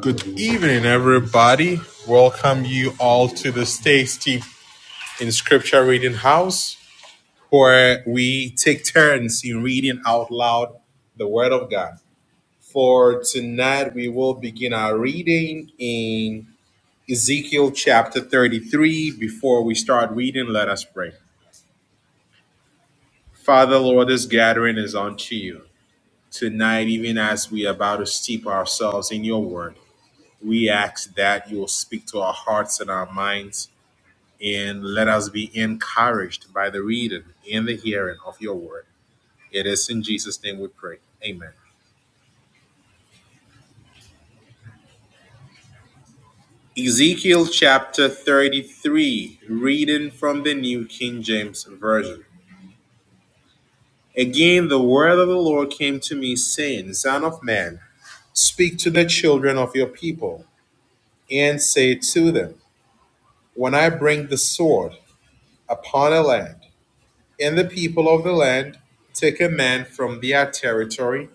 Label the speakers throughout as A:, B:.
A: Good evening, everybody. Welcome you all to the Stay Steep in Scripture Reading House, where we take turns in reading out loud the Word of God. For tonight, we will begin our reading in Ezekiel chapter 33. Before we start reading, let us pray. Father, Lord, this gathering is unto you tonight, even as we are about to steep ourselves in your Word. We ask that you will speak to our hearts and our minds and let us be encouraged by the reading and the hearing of your word. It is in Jesus' name we pray. Amen. Ezekiel chapter 33, reading from the New King James Version. Again, the word of the Lord came to me, saying, Son of man, speak to the children of your people, and say to them, When I bring the sword upon a land, and the people of the land take a man from their territory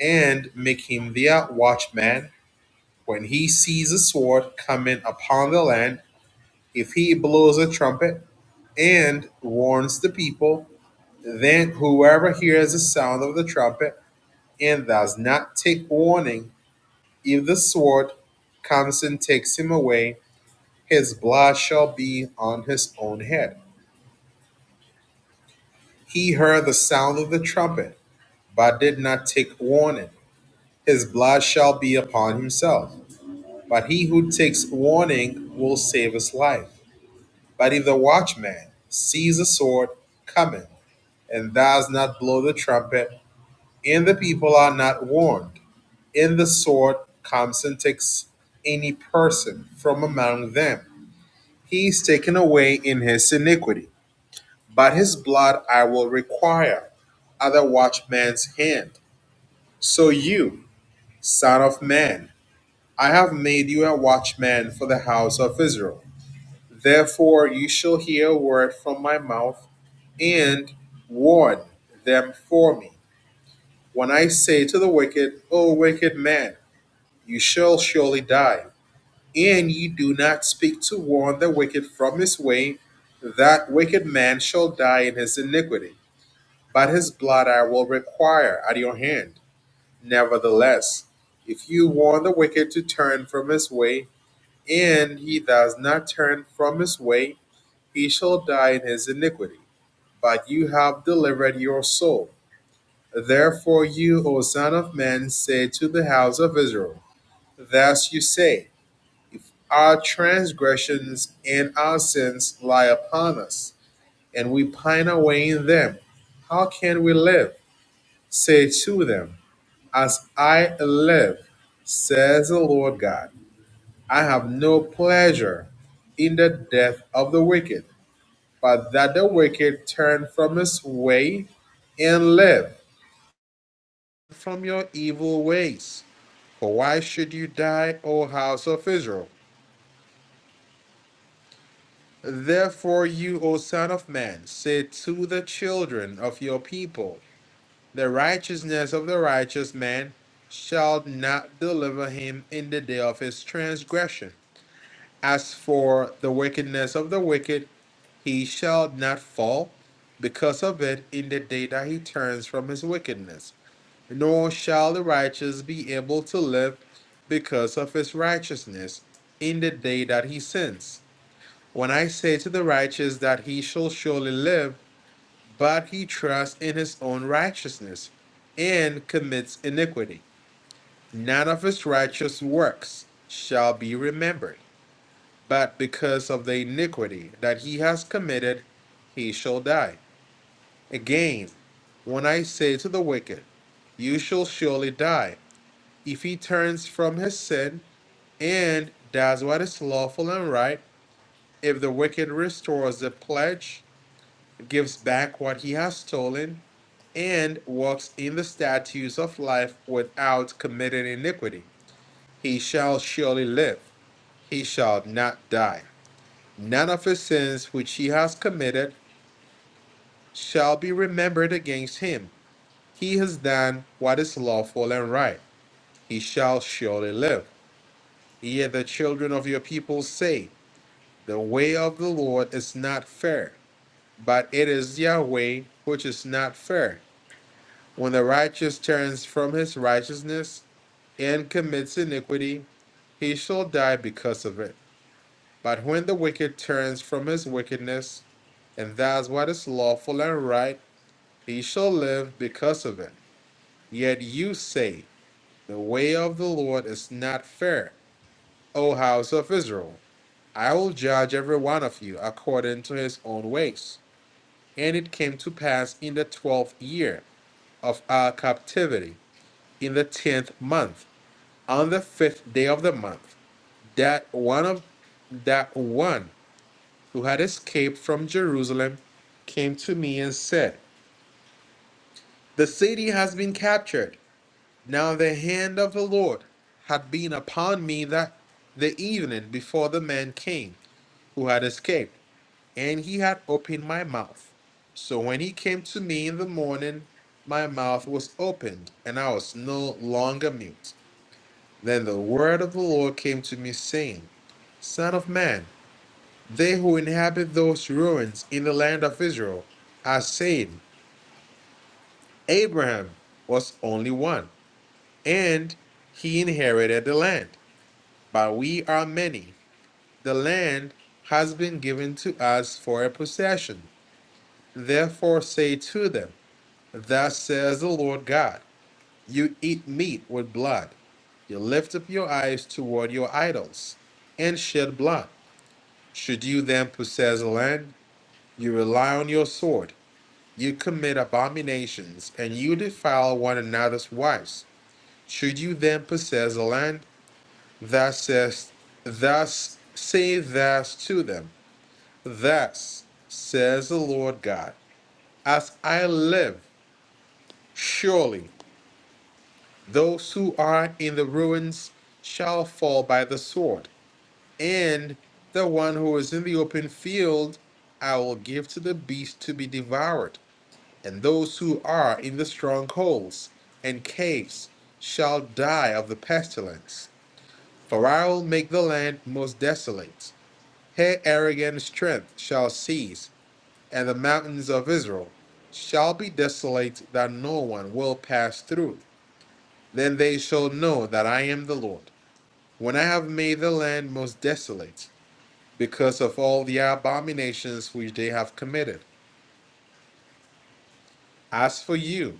A: and make him their watchman. When he sees a sword coming upon the land, if he blows a trumpet and warns the people, then whoever hears the sound of the trumpet and does not take warning, if the sword comes and takes him away, his blood shall be on his own head. He heard the sound of the trumpet, but did not take warning. his blood shall be upon himself. But he who takes warning will save his life. But if the watchman sees a sword coming and does not blow the trumpet, and the people are not warned, and the sword comes and takes any person from among them. He is taken away in his iniquity, but his blood I will require at the watchman's hand. So you, son of man, I have made you a watchman for the house of Israel. Therefore you shall hear a word from my mouth and warn them for me. When I say to the wicked, O wicked man, you shall surely die, and ye do not speak to warn the wicked from his way, that wicked man shall die in his iniquity. But his blood I will require at your hand. Nevertheless, if you warn the wicked to turn from his way, and he does not turn from his way, he shall die in his iniquity. But you have delivered your soul. Therefore, you, O Son of Man, say to the house of Israel, Thus you say, If our transgressions and our sins lie upon us, and we pine away in them, how can we live? Say to them, As I live, says the Lord God, I have no pleasure in the death of the wicked, but that the wicked turn from his way and live from your evil ways. For why should you die, O house of Israel? Therefore, you, O son of man, say to the children of your people, The righteousness of the righteous man shall not deliver him in the day of his transgression. As for the wickedness of the wicked, he shall not fall because of it in the day that he turns from his wickedness. nor shall the righteous be able to live because of his righteousness in the day that he sins. When I say to the righteous that he shall surely live, but he trusts in his own righteousness and commits iniquity, none of his righteous works shall be remembered, but because of the iniquity that he has committed, he shall die. Again, when I say to the wicked, You shall surely die, if he turns from his sin and does what is lawful and right. If the wicked restores the pledge, gives back what he has stolen, and walks in the statutes of life without committing iniquity, he shall surely live, he shall not die. None of his sins which he has committed shall be remembered against him. He has done what is lawful and right, he shall surely live. Yet the children of your people say, The way of the Lord is not fair. but it is Yahweh which is not fair. When the righteous turns from his righteousness and commits iniquity, he shall die because of it. But when the wicked turns from his wickedness and does what is lawful and right, he shall live because of it. Yet you say, The way of the Lord is not fair, O house of Israel. I will judge every one of you according to his own ways. And it came to pass in the twelfth year of our captivity in the tenth month, on the fifth day of the month, that one of that one who had escaped from Jerusalem came to me and said, The city has been captured. Now the hand of the Lord had been upon me that the evening before the man came who had escaped, and he had opened my mouth. So when he came to me in the morning, my mouth was opened, and I was no longer mute. Then the word of the Lord came to me, saying, Son of man, they who inhabit those ruins in the land of Israel are saying, Abraham was only one, and he inherited the land. But we are many. The land has been given to us for a possession. Therefore say to them, Thus says the Lord God, You eat meat with blood, you lift up your eyes toward your idols, and shed blood. Should you then possess land, you rely on your sword. You commit abominations, and you defile one another's wives. Should you then possess land, thus says, thus say thus to them, thus says the Lord God, as I live, surely those who are in the ruins shall fall by the sword, and the one who is in the open field I will give to the beast to be devoured and those who are in the strongholds and caves shall die of the pestilence. For I will make the land most desolate. Her arrogant strength shall cease, and the mountains of Israel shall be desolate, that no one will pass through. Then they shall know that I am the Lord, when I have made the land most desolate, because of all the abominations which they have committed. As for you,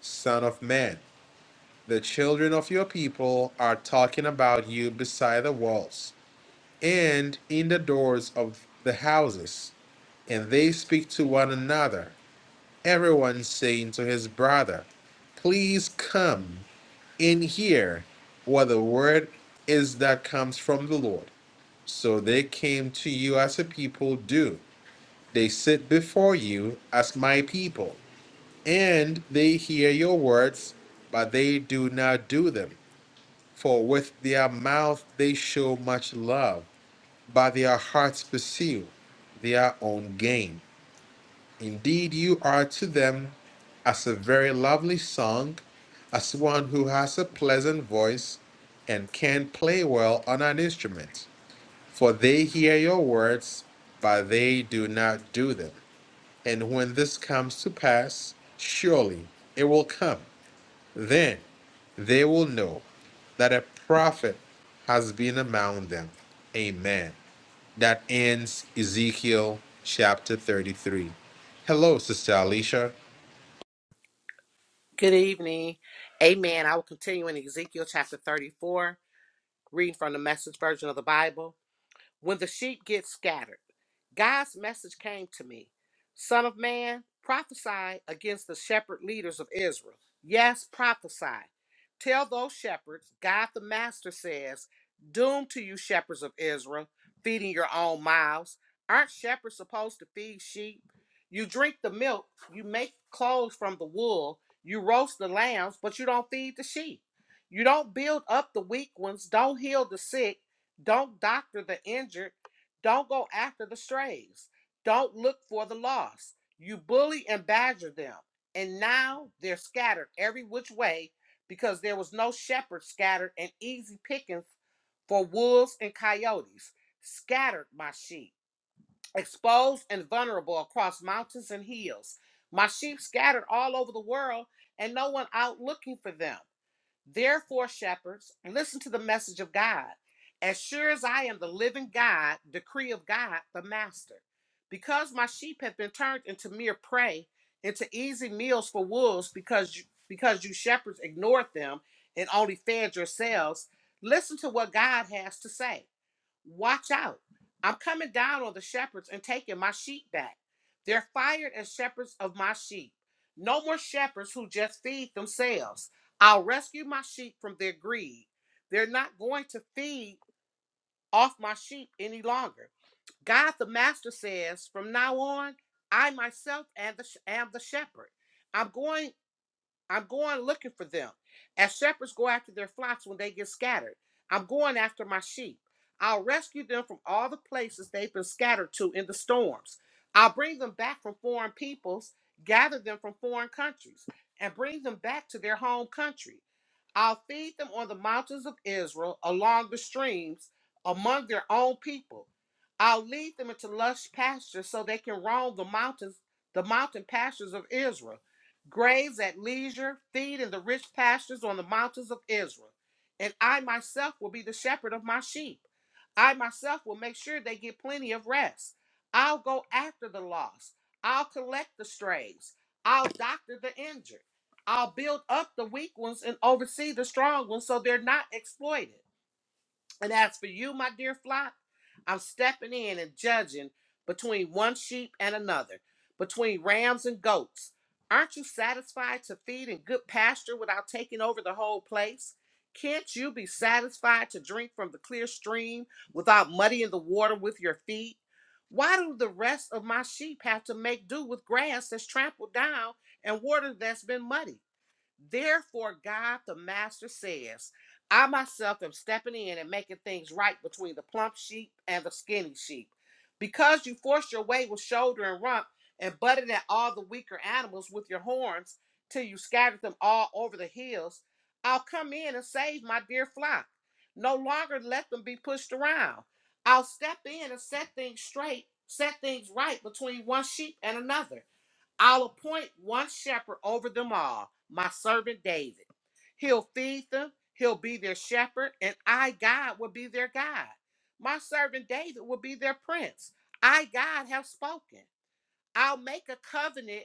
A: Son of Man, The children of your people are talking about you beside the walls and in the doors of the houses, and they speak to one another, everyone saying to his brother, Please come in here, what the word is that comes from the Lord. So they came to you as a people do. They sit before you as my people, and they hear your words, but they do not do them. For with their mouth they show much love, but their hearts pursue their own gain. Indeed, you are to them as a very lovely song, as one who has a pleasant voice and can play well on an instrument. For they hear your words, but they do not do them. And when this comes to pass, surely it will come. then they will know that a prophet has been among them. Amen. That ends Ezekiel chapter 33. Hello, Sister Alicia.
B: Good evening. Amen. I will continue in Ezekiel chapter 34, reading from the message version of the Bible. When the sheep get scattered, God's message came to me Son of man, prophesy against the shepherd leaders of Israel. Yes, prophesy. Tell those shepherds, God the Master says, Doom to you, shepherds of Israel, feeding your own mouths. Aren't shepherds supposed to feed sheep? You drink the milk, you make clothes from the wool, you roast the lambs, but you don't feed the sheep. You don't build up the weak ones, don't heal the sick, don't doctor the injured don't go after the strays. Don't look for the lost. You bully and badger them, and now they're scattered every which way because there was no shepherd scattered and easy pickings for wolves and coyotes. Scattered my sheep, exposed and vulnerable across mountains and hills. My sheep scattered all over the world, and no one out looking for them. Therefore, shepherds, listen to the message of God. As sure as I am the living God, decree of God, the master. Because my sheep have been turned into mere prey, into easy meals for wolves, because you, because you shepherds ignored them and only fed yourselves, listen to what God has to say. Watch out. I'm coming down on the shepherds and taking my sheep back. They're fired as shepherds of my sheep. No more shepherds who just feed themselves. I'll rescue my sheep from their greed. They're not going to feed off my sheep any longer. God the Master says, from now on, I myself am the, am the shepherd. I'm going I'm going looking for them. As shepherds go after their flocks when they get scattered, I'm going after my sheep. I'll rescue them from all the places they've been scattered to in the storms. I'll bring them back from foreign peoples, gather them from foreign countries, and bring them back to their home country. I'll feed them on the mountains of Israel, along the streams, among their own people. I'll lead them into lush pastures so they can roam the mountains, the mountain pastures of Israel. Graze at leisure, feed in the rich pastures on the mountains of Israel. And I myself will be the shepherd of my sheep. I myself will make sure they get plenty of rest. I'll go after the lost. I'll collect the strays. I'll doctor the injured. I'll build up the weak ones and oversee the strong ones so they're not exploited. And as for you, my dear flock, I'm stepping in and judging between one sheep and another, between rams and goats. Aren't you satisfied to feed in good pasture without taking over the whole place? Can't you be satisfied to drink from the clear stream without muddying the water with your feet? Why do the rest of my sheep have to make do with grass that's trampled down and water that's been muddied? Therefore, God the Master says, I myself am stepping in and making things right between the plump sheep and the skinny sheep. Because you forced your way with shoulder and rump and butted at all the weaker animals with your horns till you scattered them all over the hills, I'll come in and save my dear flock. No longer let them be pushed around. I'll step in and set things straight, set things right between one sheep and another. I'll appoint one shepherd over them all, my servant David. He'll feed them, he'll be their shepherd, and I, God, will be their God. My servant David will be their prince. I, God, have spoken. I'll make a covenant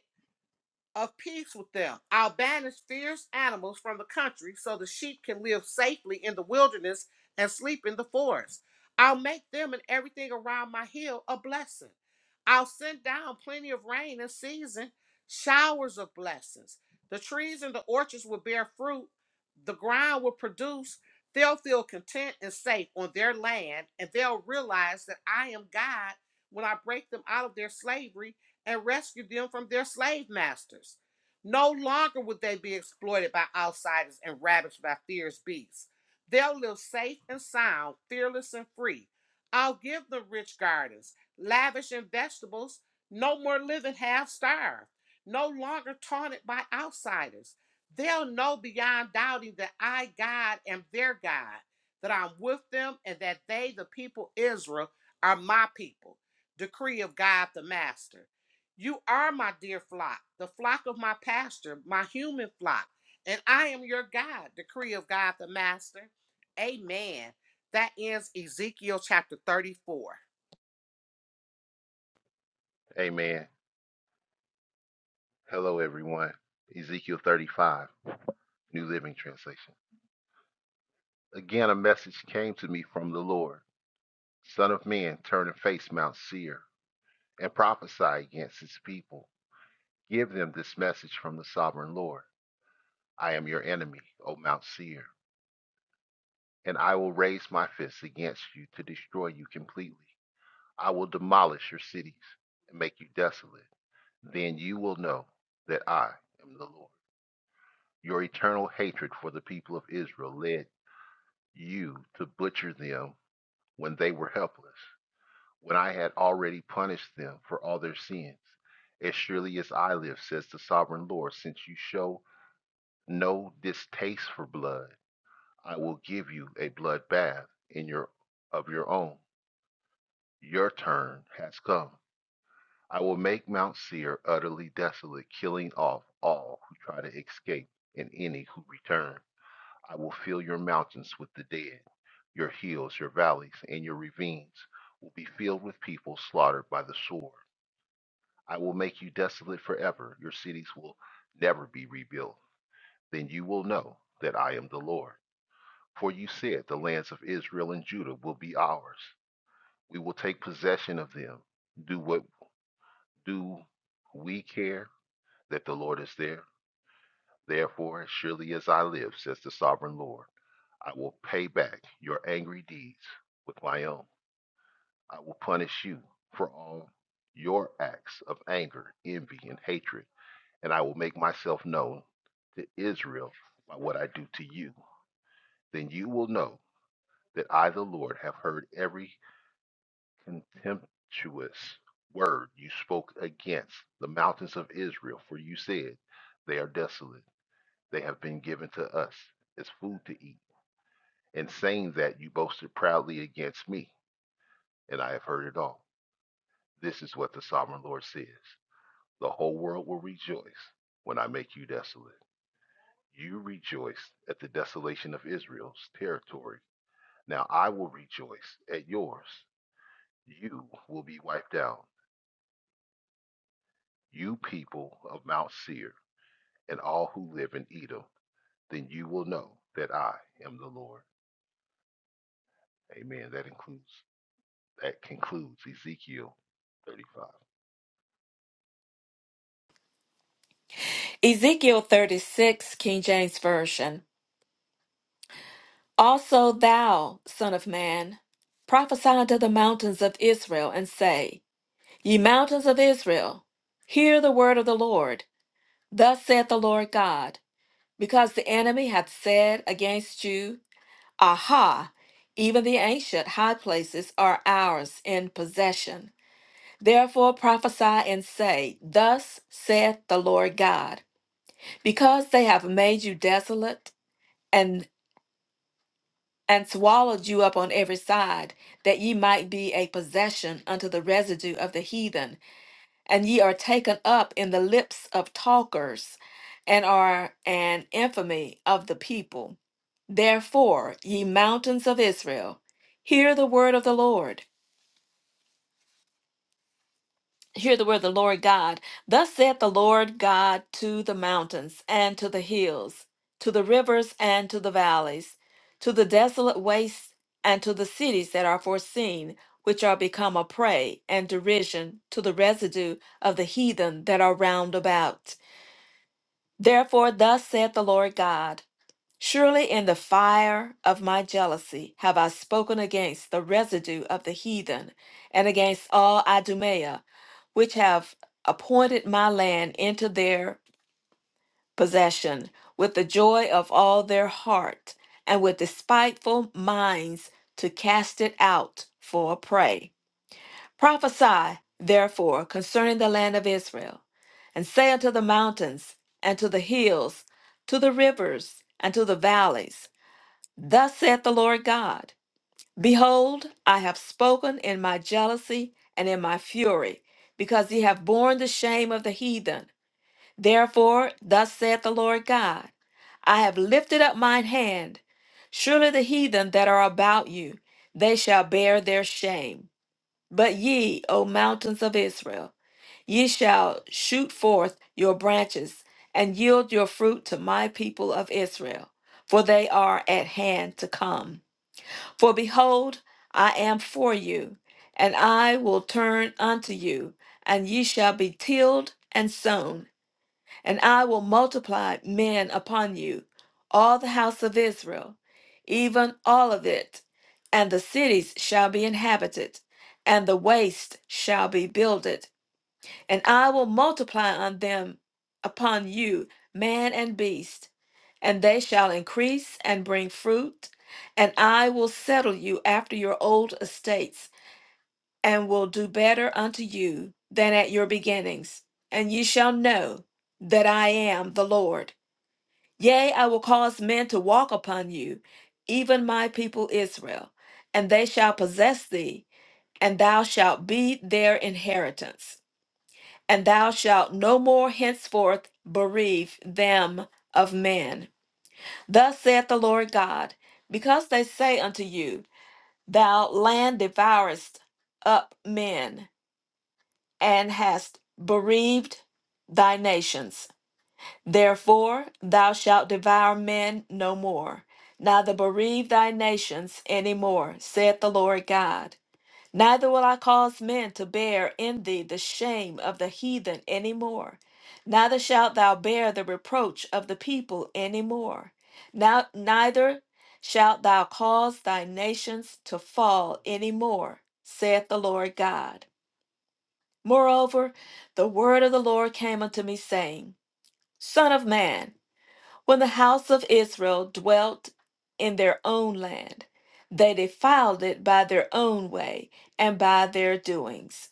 B: of peace with them. I'll banish fierce animals from the country so the sheep can live safely in the wilderness and sleep in the forest. I'll make them and everything around my hill a blessing. I'll send down plenty of rain in season, showers of blessings. The trees and the orchards will bear fruit, the ground will produce. They'll feel content and safe on their land, and they'll realize that I am God when I break them out of their slavery and rescued them from their slave masters. No longer would they be exploited by outsiders and ravished by fierce beasts. They'll live safe and sound, fearless and free. I'll give them rich gardens, lavish in vegetables, no more living half starved, no longer taunted by outsiders. They'll know beyond doubting that I, God, am their God, that I'm with them, and that they, the people Israel, are my people. Decree of God the Master. You are my dear flock, the flock of my pastor, my human flock, and I am your God, decree of God the Master. Amen. That ends Ezekiel chapter 34.
C: Amen. Hello, everyone. Ezekiel 35, New Living Translation. Again, a message came to me from the Lord Son of man, turn and face Mount Seir and prophesy against its people. Give them this message from the sovereign Lord I am your enemy, O Mount Seir, and I will raise my fist against you to destroy you completely. I will demolish your cities and make you desolate. Then you will know that I am the Lord. Your eternal hatred for the people of Israel led you to butcher them when they were helpless, when I had already punished them for all their sins. As surely as I live, says the sovereign Lord, since you show no distaste for blood, I will give you a blood bath in your of your own. Your turn has come. I will make Mount Seir utterly desolate, killing off all who try to escape and any who return. I will fill your mountains with the dead. Your hills, your valleys, and your ravines will be filled with people slaughtered by the sword. I will make you desolate forever. Your cities will never be rebuilt. Then you will know that I am the Lord. For you said, The lands of Israel and Judah will be ours. We will take possession of them. Do what do we care that the Lord is there? Therefore, as surely as I live, says the sovereign Lord. I will pay back your angry deeds with my own. I will punish you for all your acts of anger, envy, and hatred, and I will make myself known to Israel by what I do to you. Then you will know that I, the Lord, have heard every contemptuous word you spoke against the mountains of Israel, for you said, They are desolate. They have been given to us as food to eat. And saying that, you boasted proudly against me. and I have heard it all. This is what the sovereign Lord says The whole world will rejoice when I make you desolate. You rejoiced at the desolation of Israel's territory. Now I will rejoice at yours. You will be wiped out, you people of Mount Seir, and all who live in Edom. Then you will know that I am the Lord. Amen. That includes that concludes Ezekiel 35.
D: Ezekiel 36, King James Version. Also, thou, Son of Man, prophesy unto the mountains of Israel, and say, Ye mountains of Israel, hear the word of the Lord. Thus saith the Lord God, because the enemy hath said against you, Aha, even the ancient high places are ours in possession. Therefore prophesy and say, Thus saith the Lord God, because they have made you desolate and swallowed you up on every side, that ye might be a possession unto the residue of the heathen. And ye are taken up in the lips of talkers, and are an infamy of the people. Therefore, ye mountains of Israel, hear the word of the Lord. hear the word of the Lord God. Thus saith the Lord God to the mountains and to the hills, to the rivers and to the valleys, to the desolate wastes and to the cities that are foreseen, which are become a prey and derision to the residue of the heathen that are round about. Therefore, thus saith the Lord God. Surely in the fire of my jealousy have I spoken against the residue of the heathen and against all Idumea, which have appointed my land into their possession with the joy of all their heart and with despiteful minds to cast it out for a prey. Prophesy therefore concerning the land of Israel and say unto the mountains and to the hills, to the rivers and to the valleys, Thus saith the Lord God Behold, I have spoken in my jealousy and in my fury, because ye have borne the shame of the heathen. Therefore, thus saith the Lord God I have lifted up mine hand. Surely the heathen that are about you, they shall bear their shame. But ye, O mountains of Israel, ye shall shoot forth your branches and yield your fruit to my people of Israel, for they are at hand to come. For behold, I am for you, and I will turn unto you, and ye shall be tilled and sown, and I will multiply men upon you, all the house of Israel, even all of it. And the cities shall be inhabited, and the waste shall be builded, and I will multiply on them upon you man and beast, and they shall increase and bring fruit, and I will settle you after your old estates, and will do better unto you than at your beginnings, and ye shall know that I am the Lord. Yea, I will cause men to walk upon you, even my people Israel, and they shall possess thee, and thou shalt be their inheritance and thou shalt no more henceforth bereave them of man. Thus saith the Lord God, because they say unto you, Thou land devourest up men, and hast bereaved thy nations. Therefore thou shalt devour men no more, neither bereave thy nations any more, saith the Lord God. Neither will I cause men to bear in thee the shame of the heathen any more. Neither shalt thou bear the reproach of the people any more. Now, neither shalt thou cause thy nations to fall any more, saith the Lord God. Moreover, the word of the Lord came unto me, saying, Son of man, when the house of Israel dwelt in their own land, they defiled it by their own way and by their doings.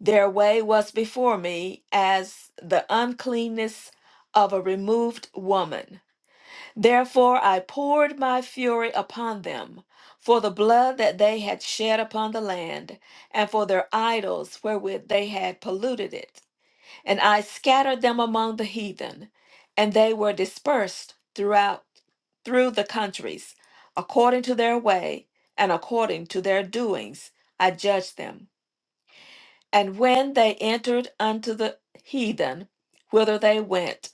D: Their way was before me as the uncleanness of a removed woman. Therefore I poured my fury upon them for the blood that they had shed upon the land, and for their idols wherewith they had polluted it. And I scattered them among the heathen, and they were dispersed throughout through the countries, according to their way and according to their doings. I judged them. And when they entered unto the heathen, whither they went,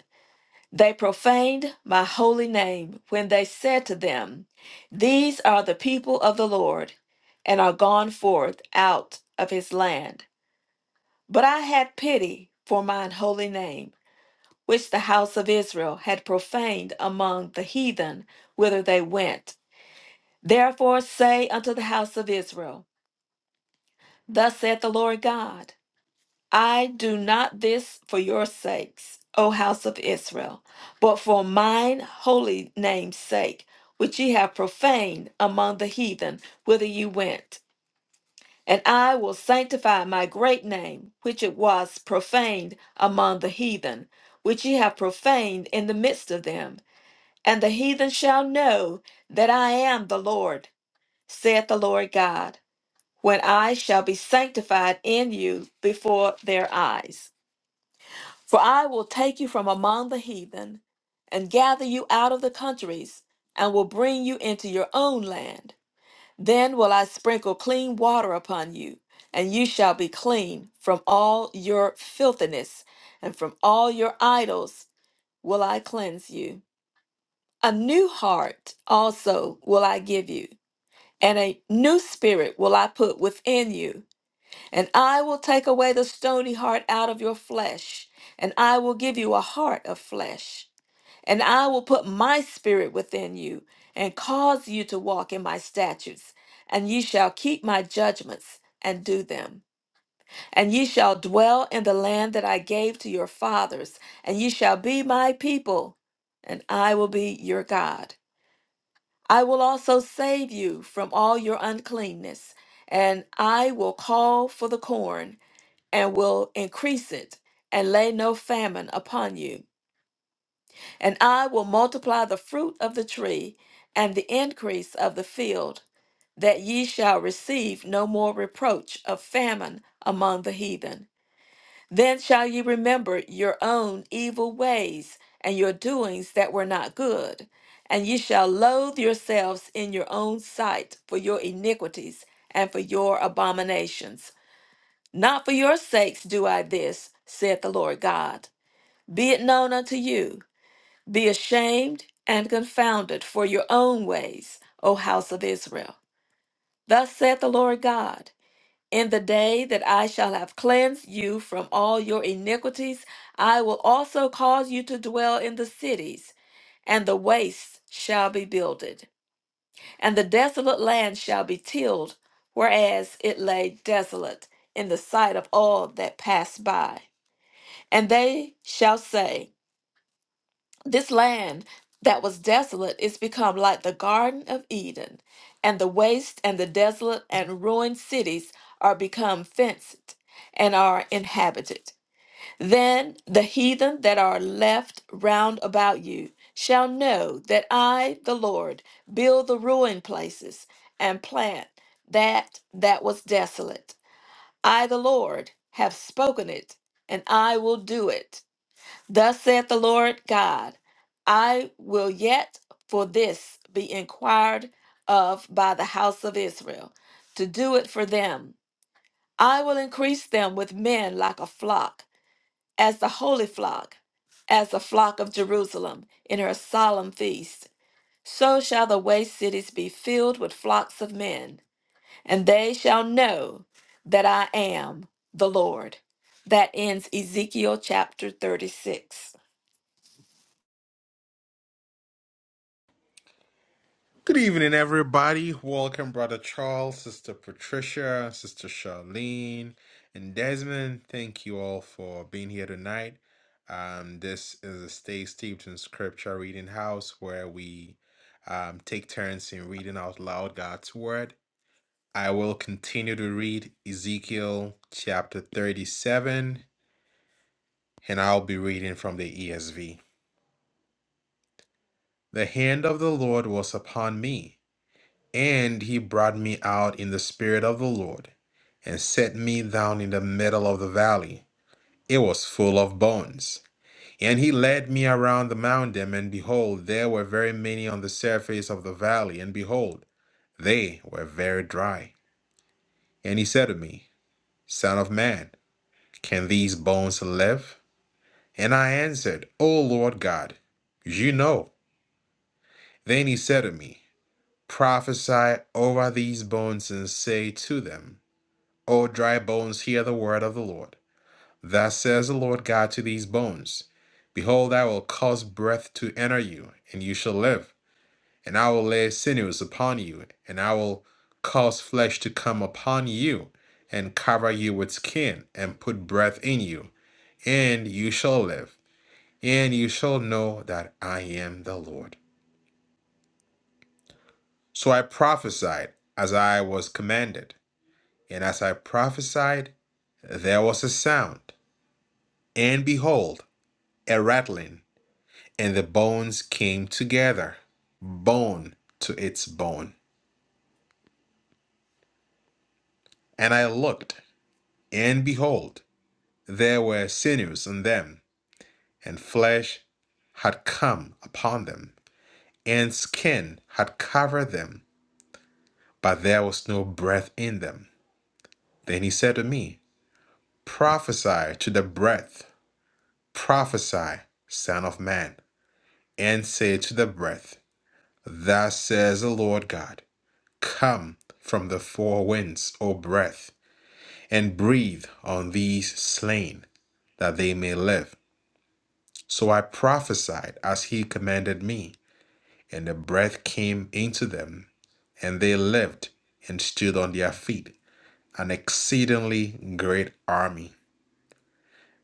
D: they profaned my holy name when they said to them, These are the people of the Lord, and are gone forth out of his land. But I had pity for mine holy name which the house of Israel had profaned among the heathen whither they went. Therefore say unto the house of Israel, Thus saith the Lord God, I do not this for your sakes, O house of Israel, but for mine holy name's sake, which ye have profaned among the heathen whither you went. And I will sanctify my great name, which it was profaned among the heathen, which ye have profaned in the midst of them And the heathen shall know that I am the Lord, saith the Lord God, when I shall be sanctified in you before their eyes. For I will take you from among the heathen, and gather you out of the countries, and will bring you into your own land. Then will I sprinkle clean water upon you, and you shall be clean from all your filthiness, and from all your idols will I cleanse you. A new heart also will I give you, and a new spirit will I put within you. And I will take away the stony heart out of your flesh, and I will give you a heart of flesh. And I will put my spirit within you, and cause you to walk in my statutes. And ye shall keep my judgments and do them. And ye shall dwell in the land that I gave to your fathers, and ye shall be my people, and I will be your God I will also save you from all your uncleanness, and I will call for the corn, and will increase it, and lay no famine upon you. And I will multiply the fruit of the tree, and the increase of the field, that ye shall receive no more reproach of famine among the heathen. Then shall ye remember your own evil ways and your doings that were not good, and ye shall loathe yourselves in your own sight for your iniquities and for your abominations. Not for your sakes do I this, saith the Lord God. Be it known unto you, be ashamed and confounded for your own ways, O house of Israel. Thus saith the Lord God. In the day that I shall have cleansed you from all your iniquities, I will also cause you to dwell in the cities, and the wastes shall be builded, and the desolate land shall be tilled, whereas it lay desolate in the sight of all that pass by. And they shall say, this land that was desolate is become like the Garden of Eden, and the waste and the desolate and ruined cities are become fenced and are inhabited. Then the heathen that are left round about you shall know that I, the Lord, build the ruined places and plant that that was desolate. I, the Lord, have spoken it, and I will do it Thus saith the Lord God, I will yet for this be inquired of by the house of Israel, to do it for them. I will increase them with men like a flock, as the holy flock, as the flock of Jerusalem in her solemn feast. So shall the waste cities be filled with flocks of men, and they shall know that I am the Lord. That ends Ezekiel chapter 36.
A: Good evening, everybody. Welcome, Brother Charles, Sister Patricia, Sister Charlene, and Desmond. Thank you all for being here tonight. Um, this is a Stay Steeped in Scripture reading house where we um, take turns in reading out loud God's word I will continue to read Ezekiel chapter 37, and I'll be reading from the ESV. The hand of the Lord was upon me, and he brought me out in the spirit of the Lord, and set me down in the middle of the valley. It was full of bones. And he led me around the mountain, and behold, there were very many on the surface of the valley, and behold, they were very dry. And he said to me, Son of man, can these bones live? And I answered, O Lord God, you know. Then he said to me, Prophesy over these bones and say to them, O dry bones, hear the word of the Lord. Thus says the Lord God to these bones Behold, I will cause breath to enter you, and you shall live. And I will lay sinews upon you, and I will cause flesh to come upon you, and cover you with skin, and put breath in you, and you shall live. and you shall know that I am the Lord. So I prophesied as I was commanded, and as I prophesied, there was a sound, and behold, a rattling, and the bones came together, bone to its bone. And I looked, and behold, there were sinews on them, and flesh had come upon them, and skin had covered them, but there was no breath in them. Then he said to me, Prophesy to the breath, prophesy, Son of Man, and say to the breath, Thus says the Lord God, Come from the four winds, O breath, and breathe on these slain, that they may live. So I prophesied as he commanded me, and the breath came into them, and they lived and stood on their feet, an exceedingly great army.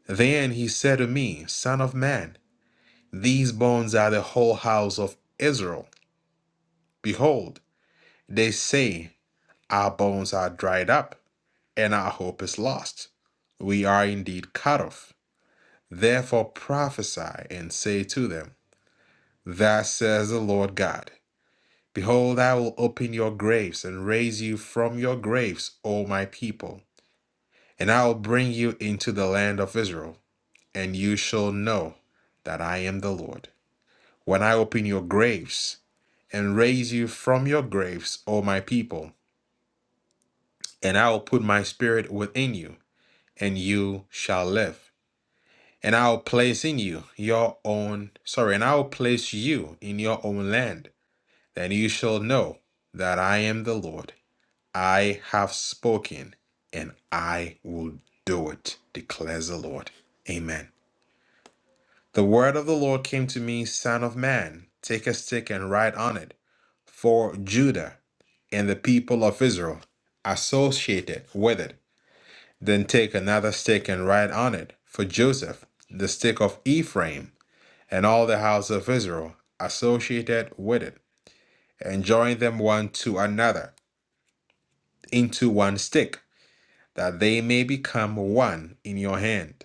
A: Then he said to me, Son of man, These bones are the whole house of Israel. Behold, they say, Our bones are dried up, and our hope is lost. We are indeed cut off. Therefore prophesy and say to them, Thus says the Lord God Behold, I will open your graves and raise you from your graves, O my people, and I will bring you into the land of Israel, and you shall know that I am the Lord. when I open your graves and raise you from your graves, O my people, and I will put my spirit within you, and you shall live. And I will place in you your own, sorry, and I will place you in your own land. Then you shall know that I am the Lord. I have spoken, and I will do it, declares the Lord. Amen. The word of the Lord came to me, Son of man, take a stick and write on it for Judah and the people of Israel associated with it. Then take another stick and write on it for Joseph, the stick of Ephraim, and all the house of Israel associated with it, and join them one to another into one stick, that they may become one in your hand.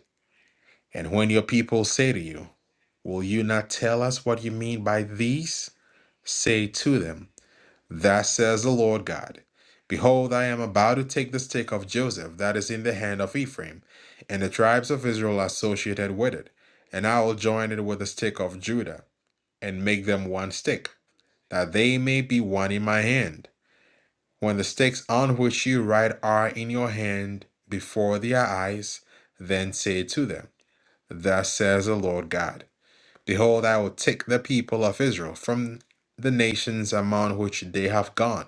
A: And when your people say to you, Will you not tell us what you mean by these? Say to them, Thus says the Lord God Behold, I am about to take the stick of Joseph that is in the hand of Ephraim, and the tribes of Israel associated with it, and I will join it with the stick of Judah, and make them one stick, that they may be one in my hand. When the sticks on which you write are in your hand before their eyes, then say to them, Thus says the Lord God Behold, I will take the people of Israel from the nations among which they have gone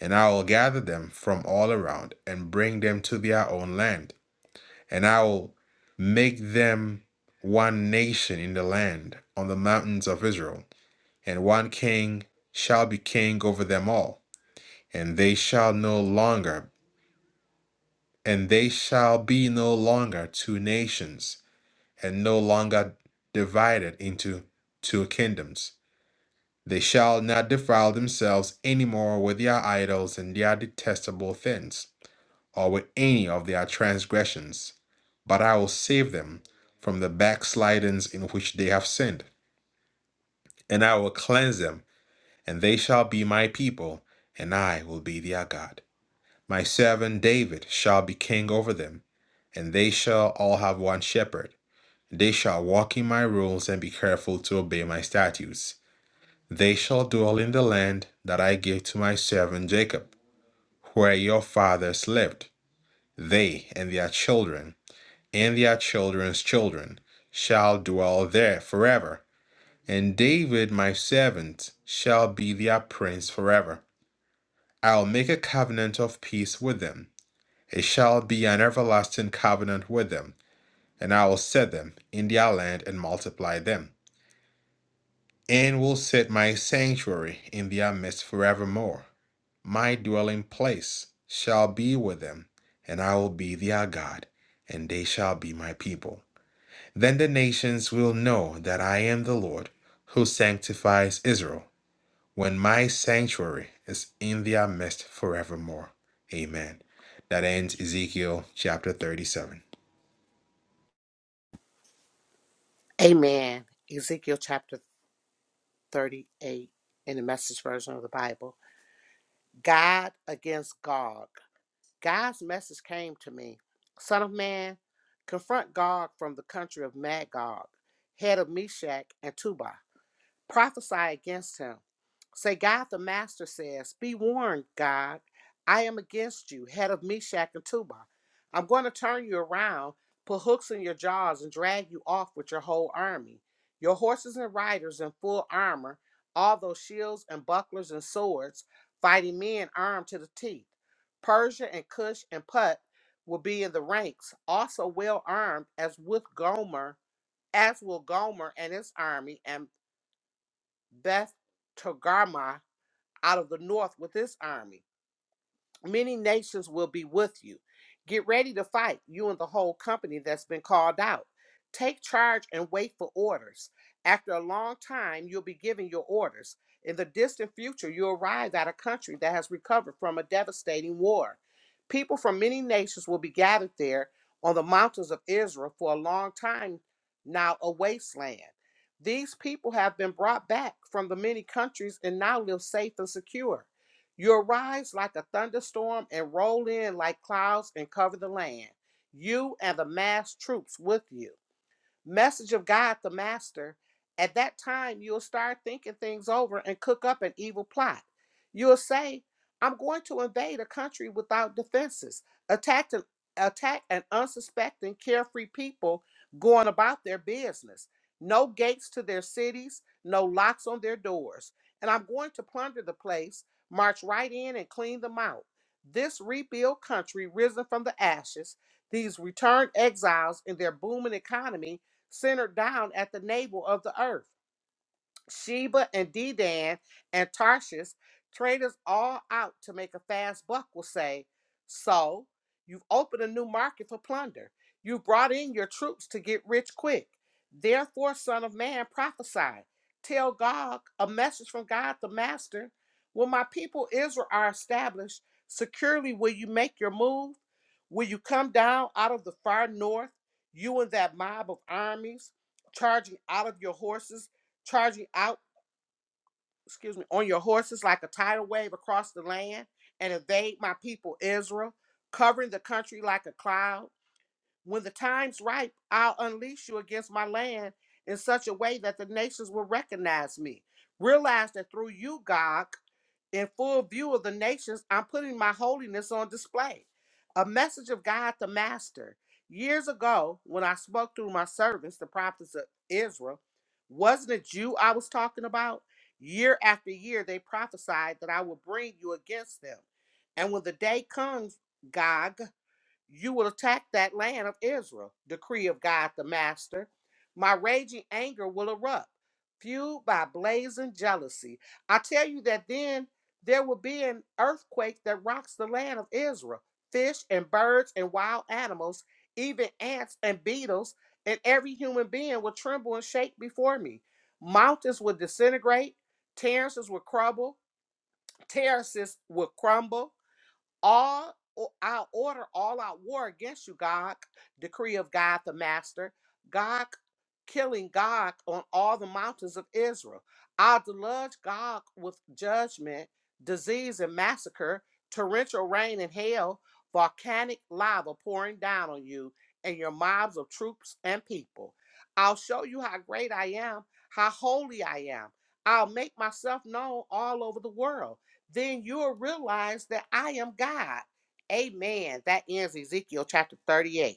A: and I will gather them from all around and bring them to their own land. And I will make them one nation in the land on the mountains of Israel. And one king shall be king over them all. And they shall no longer, and they shall be no longer two nations, and no longer divided into two kingdoms. They shall not defile themselves any more with their idols and their detestable things or with any of their transgressions, but I will save them from the backslidings in which they have sinned, and I will cleanse them, and they shall be my people, and I will be their God. My servant David shall be king over them, and they shall all have one shepherd. They shall walk in my rules and be careful to obey my statutes. They shall dwell in the land that I gave to my servant Jacob, where your fathers lived, they and their children and their children's children shall dwell there forever. And David, my servant, shall be their prince forever. I'll make a covenant of peace with them. It shall be an everlasting covenant with them, and I will set them in their land and multiply them, and will set my sanctuary in their midst forevermore. My dwelling place shall be with them, and I will be their God, and they shall be my people. Then the nations will know that I am the Lord who sanctifies Israel, when my sanctuary is in their midst forevermore. Amen. That ends Ezekiel chapter 37.
B: Amen. Ezekiel chapter 38 in the message version of the Bible. God against Gog. God's message came to me Son of man, confront Gog from the country of Magog, head of Meshach and Tubal. Prophesy against him Say, God the Master says, Be warned, God, I am against you, head of Meshach and Tubal. I'm going to turn you around, put hooks in your jaws, and drag you off with your whole army. Your horses and riders in full armor, all those shields and bucklers and swords, fighting men armed to the teeth. Persia and Cush and Put will be in the ranks, also well armed as with Gomer, as will Gomer and his army, and Beth Togarmah out of the north with this army. Many nations will be with you. Get ready to fight, you and the whole company that's been called out. Take charge and wait for orders. After a long time, you'll be given your orders. In the distant future, you'll arrive at a country that has recovered from a devastating war. People from many nations will be gathered there on the mountains of Israel for a long time now, a wasteland. These people have been brought back from the many countries and now live safe and secure. You arise like a thunderstorm and roll in like clouds and cover the land, you and the massed troops with you message of God the Master, at that time you'll start thinking things over and cook up an evil plot. You'll say, I'm going to invade a country without defenses, attack an, attack an unsuspecting, carefree people going about their business. No gates to their cities, no locks on their doors. And I'm going to plunder the place, march right in and clean them out. This rebuilt country risen from the ashes, these returned exiles in their booming economy centered down at the navel of the earth. Sheba and Dedan and Tarshish, traders all out to make a fast buck, will say, So, you've opened a new market for plunder. You brought in your troops to get rich quick. Therefore, son of man, prophesy. Tell Gog a message from God the Master. When my people Israel are established, securely will you make your move? Will you come down out of the far north, you and that mob of armies, charging out of your horses? charge you out, excuse me, on your horses like a tidal wave across the land and invade my people Israel, covering the country like a cloud. When the time's ripe, I'll unleash you against my land in such a way that the nations will recognize me. Realize that through you, Gog, in full view of the nations, I'm putting my holiness on display. A message of God the Master. Years ago, when I spoke through my servants, the prophets of Israel, wasn't it you I was talking about? Year after year, they prophesied that I would bring you against them. And when the day comes, Gog, you will attack that land of Israel, decree of God the Master. My raging anger will erupt, fueled by blazing jealousy. I tell you that then there will be an earthquake that rocks the land of Israel. Fish and birds and wild animals, even ants and beetles, and every human being will tremble and shake before me. Mountains will disintegrate, terraces will crumble, terraces will crumble, all o- I order all out war against you, Gog, decree of God the Master, Gog killing Gog on all the mountains of Israel. I'll deluge Gog with judgment, disease, and massacre, torrential rain and hail, volcanic lava pouring down on you and your mobs of troops and people. I'll show you how great I am, how holy I am. I'll make myself known all over the world then you'll realize that I am God. Amen. That ends Ezekiel chapter 38.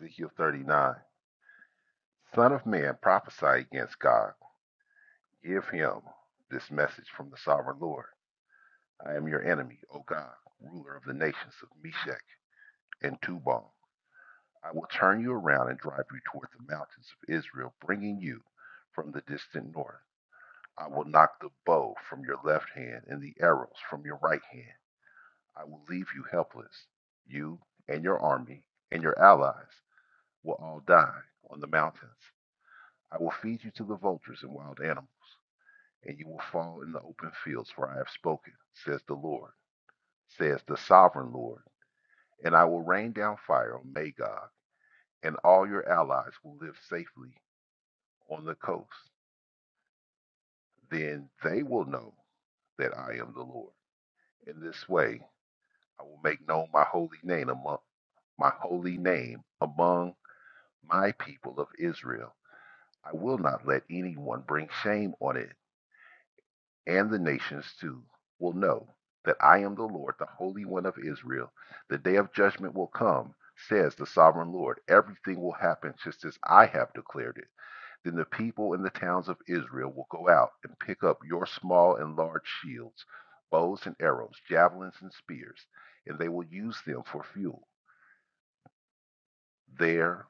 C: Ezekiel 39. Son of man, prophesy against God Give him this message from the sovereign Lord. I am your enemy, O God, ruler of the nations of Meshech and Tubal. I will turn you around and drive you toward the mountains of Israel, bringing you from the distant north. I will knock the bow from your left hand and the arrows from your right hand. I will leave you helpless. You and your army and your allies will all die on the mountains. I will feed you to the vultures and wild animals. and you will fall in the open fields, for I have spoken, says the Lord, says the sovereign Lord. And I will rain down fire on Magog, and all your allies will live safely on the coast. Then they will know that I am the Lord. In this way, I will make known my holy name among my holy name among my people of Israel. I will not let anyone bring shame on it and the nations too will know that I am the Lord, the Holy One of Israel. The day of judgment will come, says the sovereign Lord. Everything will happen just as I have declared it. Then the people in the towns of Israel will go out and pick up your small and large shields, bows and arrows, javelins and spears, and they will use them for fuel. There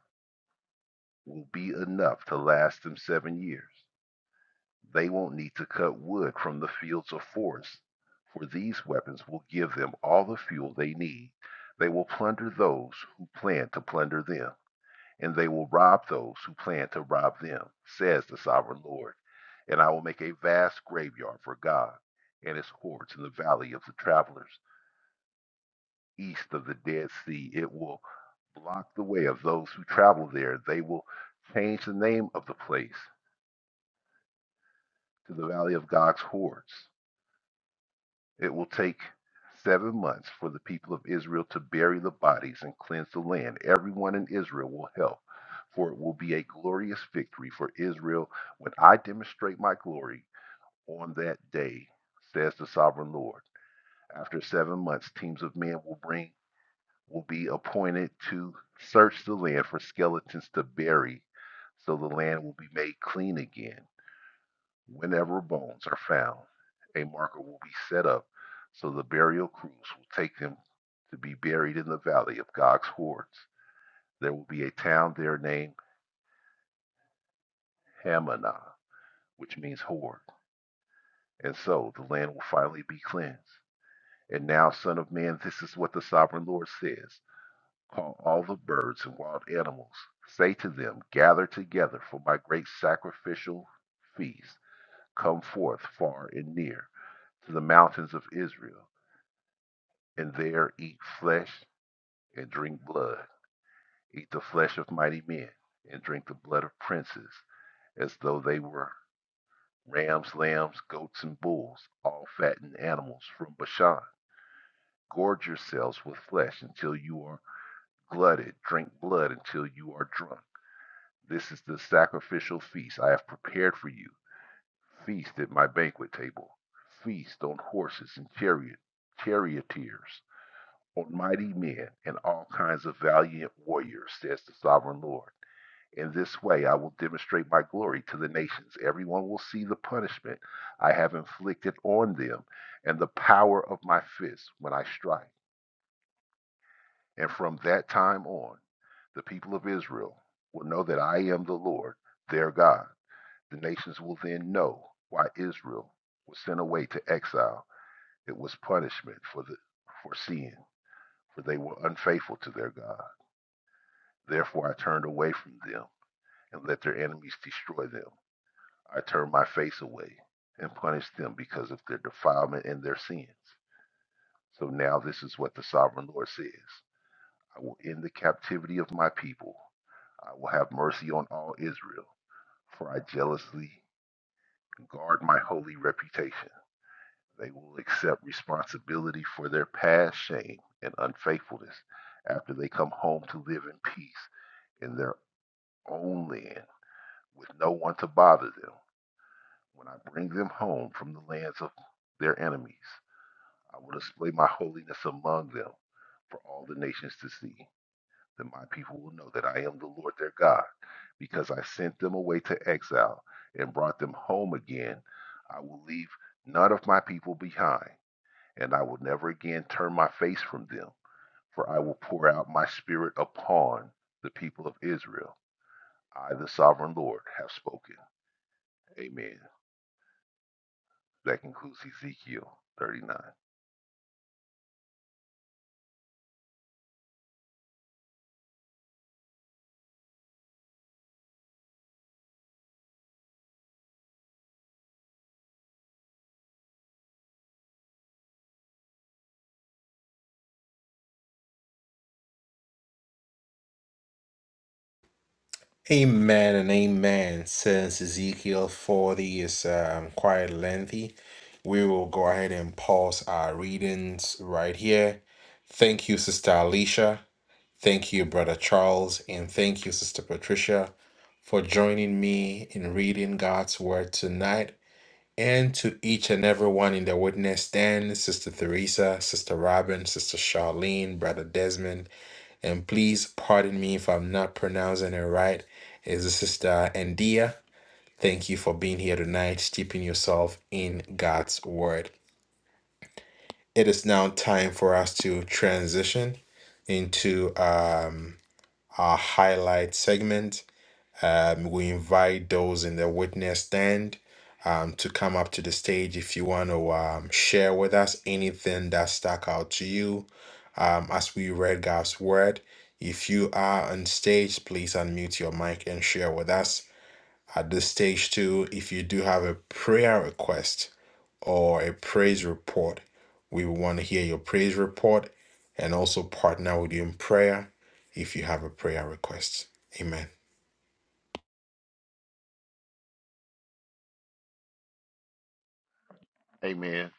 C: will be enough to last them seven years. They won't need to cut wood from the fields of forest, for these weapons will give them all the fuel they need. They will plunder those who plan to plunder them, and they will rob those who plan to rob them, says the sovereign Lord. And I will make a vast graveyard for God and his hordes in the valley of the travelers, east of the Dead Sea. It will block the way of those who travel there. They will change the name of the place to the valley of God's hordes. It will take seven months for the people of Israel to bury the bodies and cleanse the land. Everyone in Israel will help, for it will be a glorious victory for Israel when I demonstrate my glory on that day, says the sovereign Lord. After seven months, teams of men will bring will be appointed to search the land for skeletons to bury, so the land will be made clean again. Whenever bones are found, a marker will be set up so the burial crews will take them to be buried in the valley of Gog's hordes. There will be a town there named Hamanah, which means horde, and so the land will finally be cleansed. And now, Son of Man, this is what the Sovereign Lord says Call all the birds and wild animals. Say to them, Gather together for my great sacrificial feast. Come forth far and near to the mountains of Israel. and there eat flesh and drink blood, eat the flesh of mighty men, and drink the blood of princes, as though they were rams, lambs, goats, and bulls, all fattened animals from Bashan. Gorge yourselves with flesh until you are glutted, drink blood until you are drunk. This is the sacrificial feast I have prepared for you. Feast at my banquet table. Feast on horses and chariot, charioteers on mighty men and all kinds of valiant warriors, says the sovereign Lord. In this way I will demonstrate my glory to the nations. Everyone will see the punishment I have inflicted on them and the power of my fist when I strike. And from that time on, the people of Israel will know that I am the Lord, their God. The nations will then know why Israel was sent away to exile. It was punishment for the for sin, for they were unfaithful to their God. Therefore, I turned away from them and let their enemies destroy them. I turned my face away and punished them because of their defilement and their sins. So now this is what the sovereign Lord says I will end the captivity of my people. I will have mercy on all Israel, for I jealously guard my holy reputation. They will accept responsibility for their past shame and unfaithfulness after they come home to live in peace in their own land with no one to bother them. When I bring them home from the lands of their enemies, I will display my holiness among them for all the nations to see. Then my people will know that I am the Lord their God, because I sent them away to exile and brought them home again. I will leave none of my people behind, and I will never again turn my face from them, for I will pour out my spirit upon the people of Israel. I, the sovereign Lord, have spoken. Amen. That concludes Ezekiel 39.
A: Amen and amen. Since Ezekiel 40 is um, quite lengthy, we will go ahead and pause our readings right here. Thank you, Sister Alicia. Thank you, Brother Charles. And thank you, Sister Patricia, for joining me in reading God's Word tonight. And to each and everyone in the witness stand, Sister Theresa, Sister Robin, Sister Charlene, Brother Desmond, and please pardon me if I'm not pronouncing it right. It's a sister Andia. Thank you for being here tonight, steeping yourself in God's word. It is now time for us to transition into um, our highlight segment. Um, we invite those in the witness stand um, to come up to the stage if you want to um, share with us anything that stuck out to you um, as we read God's word. If you are on stage, please unmute your mic and share with us. At this stage, too, if you do have a prayer request or a praise report, we want to hear your praise report and also partner with you in prayer if you have a prayer request. Amen.
C: Amen.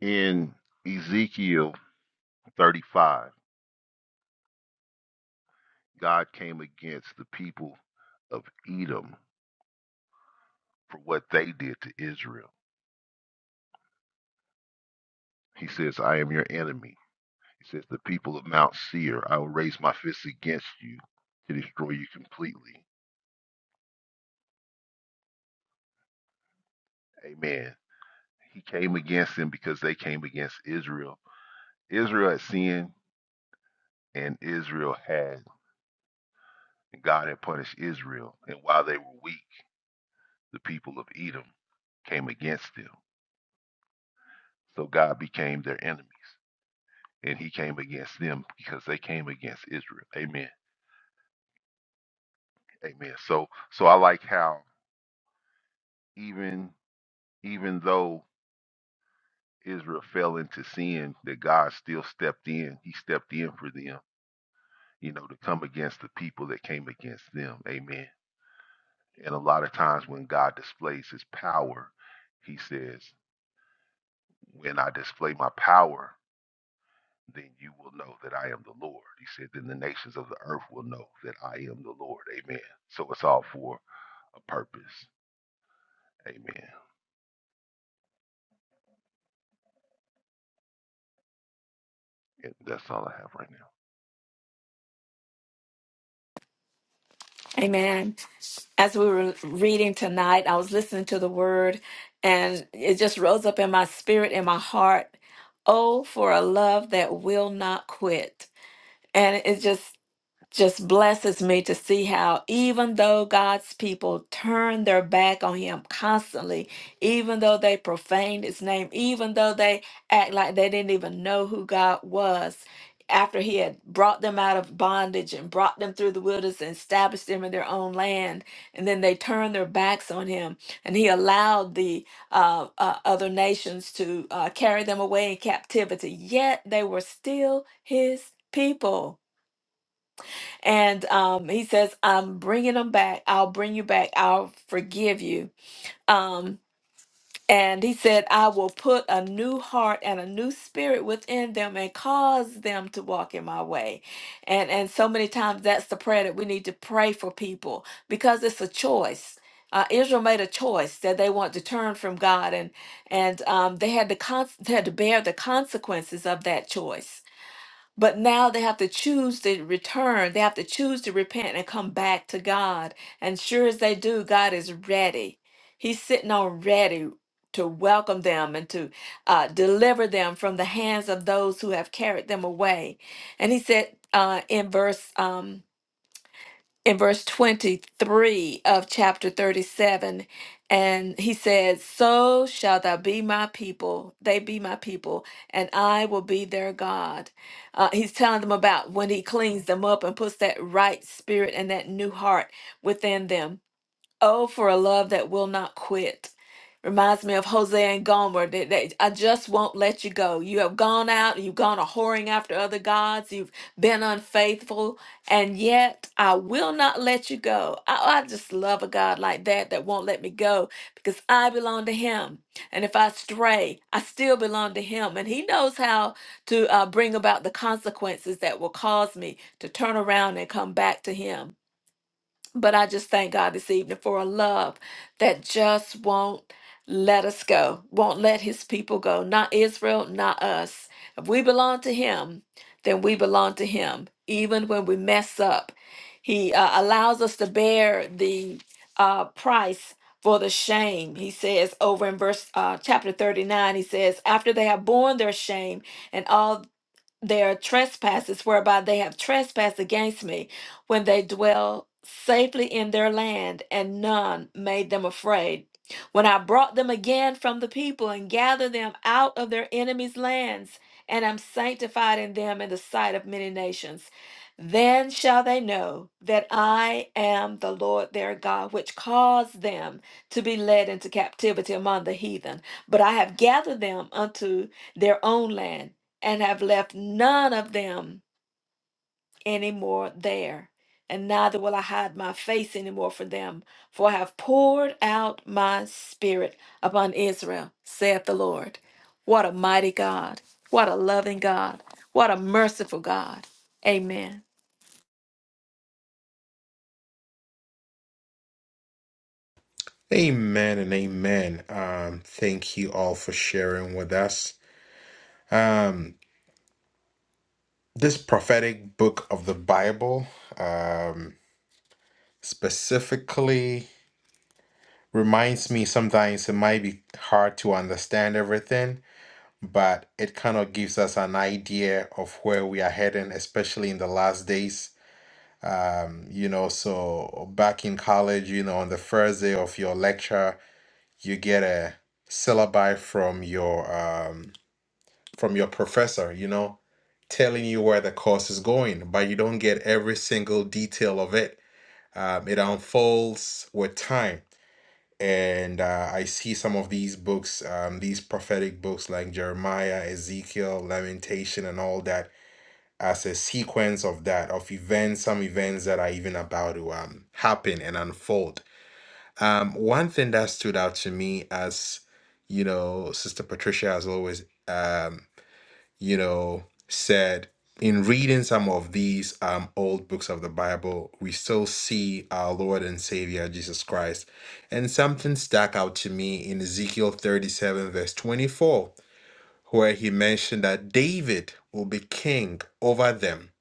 C: In Ezekiel 35, God came against the people of Edom for what they did to Israel. He says, I am your enemy. He says, The people of Mount Seir, I will raise my fist against you to destroy you completely. Amen. He came against them because they came against Israel. Israel had sinned, and Israel had, and God had punished Israel. And while they were weak, the people of Edom came against them. So God became their enemies, and He came against them because they came against Israel. Amen. Amen. So, so I like how even even though Israel fell into sin, that God still stepped in. He stepped in for them, you know, to come against the people that came against them. Amen. And a lot of times when God displays His power, He says, "When I display my power." then you will know that I am the Lord. He said, then the nations of the earth will know that I am the Lord. Amen. So it's all for a purpose. Amen. And that's all I have right now.
D: Amen. as we were reading tonight, I was listening to the word and it just rose up in my spirit, in my heart. Oh, for a love that will not quit. And it just just blesses me to see how, even though God's people turn their back on him constantly, even though they profaned his name, even though they act like they didn't even know who God was, after he had brought them out of bondage and brought them through the wilderness and established them in their own land, and then they turned their backs on him, and he allowed the uh, uh, other nations to uh, carry them away in captivity, yet they were still his people. And um, he says, I'm bringing them back. I'll bring you back. I'll forgive you. Um, and he said, I will put a new heart and a new spirit within them and cause them to walk in my way. And, and so many times that's the prayer that we need to pray for people because it's a choice. Uh, Israel made a choice that they want to turn from God, and and um, they had to con- they had to bear the consequences of that choice but now they have to choose to return. They have to choose to repent and come back to God. And sure as they do, God is ready. He's sitting on ready to welcome them and to uh, deliver them from the hands of those who have carried them away. And he said uh, in verse um, in verse 23 of chapter 37 and he says so shall thou be my people they be my people and i will be their god uh, he's telling them about when he cleans them up and puts that right spirit and that new heart within them Oh, for a love that will not quit. Reminds me of Hosea and Gomer. That, that I just won't let you go. You have gone out, you've gone a whoring after other gods, you've been unfaithful, and yet I will not let you go. I, I just love a God like that that won't let me go because I belong to Him. And if I stray, I still belong to Him. And He knows how to uh, bring about the consequences that will cause me to turn around and come back to Him. But I just thank God this evening for a love that just won't let us go, won't let his people go. Not Israel, not us. If we belong to him, then we belong to him. Even when we mess up, he uh, allows us to bear the uh, price for the shame. He says over in verse uh, chapter 39, he says, After they have borne their shame, and all their trespasses whereby they have trespassed against me when they dwell safely in their land and none made them afraid when i brought them again from the people and gathered them out of their enemies lands and am sanctified in them in the sight of many nations then shall they know that i am the lord their god which caused them to be led into captivity among the heathen. But I have gathered them unto their own land, and have left none of them any more there. And neither will I hide my face any more from them, for I have poured out my spirit upon Israel, saith the Lord. What a mighty God. What a loving God. What a merciful God. Amen.
A: Amen and amen. Um, thank you all for sharing with us. Um, this prophetic book of the Bible um, specifically reminds me sometimes it might be hard to understand everything, but it kind of gives us an idea of where we are heading, especially in the last days. Um, you know, so back in college, you know, on the first day of your lecture, you get a syllabi from your um, from your professor, you know, telling you where the course is going, but you don't get every single detail of it. Um, it unfolds with time. And uh, I see some of these books, um, these prophetic books like Jeremiah, Ezekiel, Lamentation, and all that, as a sequence of that, of events, some events that are even about to um, happen and unfold. Um, one thing that stood out to me as, you know, Sister Patricia has always um you know, said in reading some of these um, old books of the Bible, we still see our Lord and Savior Jesus Christ. And something stuck out to me in Ezekiel 37, verse 24, where he mentioned that David will be king over them.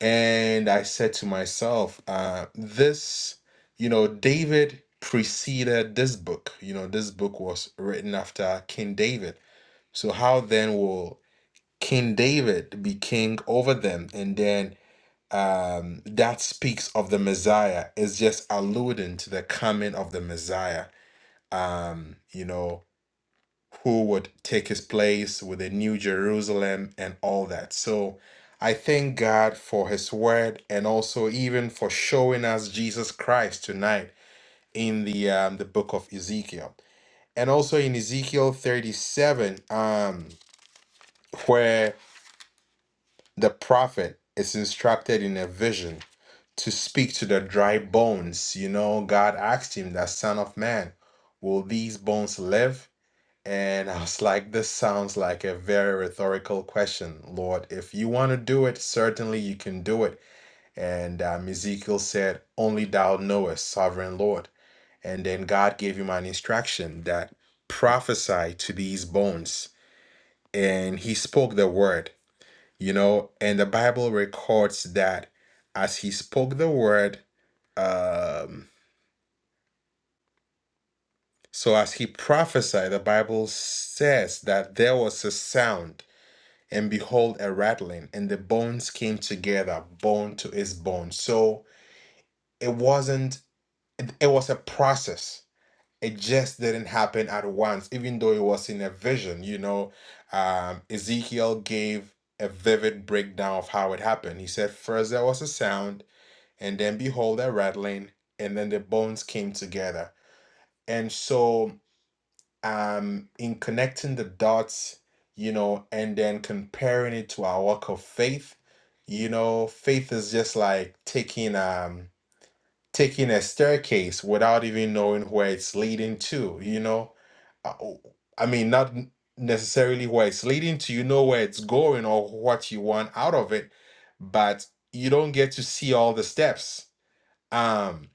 A: And I said to myself, uh, this, you know, David preceded this book. You know, this book was written after King David. So, how then will King David be king over them. And then um, that speaks of the Messiah, is just alluding to the coming of the Messiah, um, you know, who would take his place with a new Jerusalem and all that. So I thank God for his word and also even for showing us Jesus Christ tonight in the um, the book of Ezekiel. And also in Ezekiel 37, um, where. The prophet is instructed in a vision to speak to the dry bones. You know, God asked him, that son of man, will these bones live? And I was like, this sounds like a very rhetorical question, Lord. If you want to do it, certainly you can do it. And um, Ezekiel said, Only thou knowest, sovereign Lord. And then God gave him an instruction that prophesy to these bones. And he spoke the word you know and the bible records that as he spoke the word um so as he prophesied the bible says that there was a sound and behold a rattling and the bones came together bone to its bone so it wasn't it, it was a process it just didn't happen at once even though it was in a vision you know um ezekiel gave a vivid breakdown of how it happened he said first there was a sound And then behold a rattling, and then the bones came together. And so um in connecting the dots, you know, and then comparing it to our walk of faith, you know, faith is just like taking um taking a staircase without even knowing where it's leading to, you know. Uh, o- I mean, not n- necessarily where it's leading to, you know where it's going or what you want out of it, but you don't get to see all the steps. Um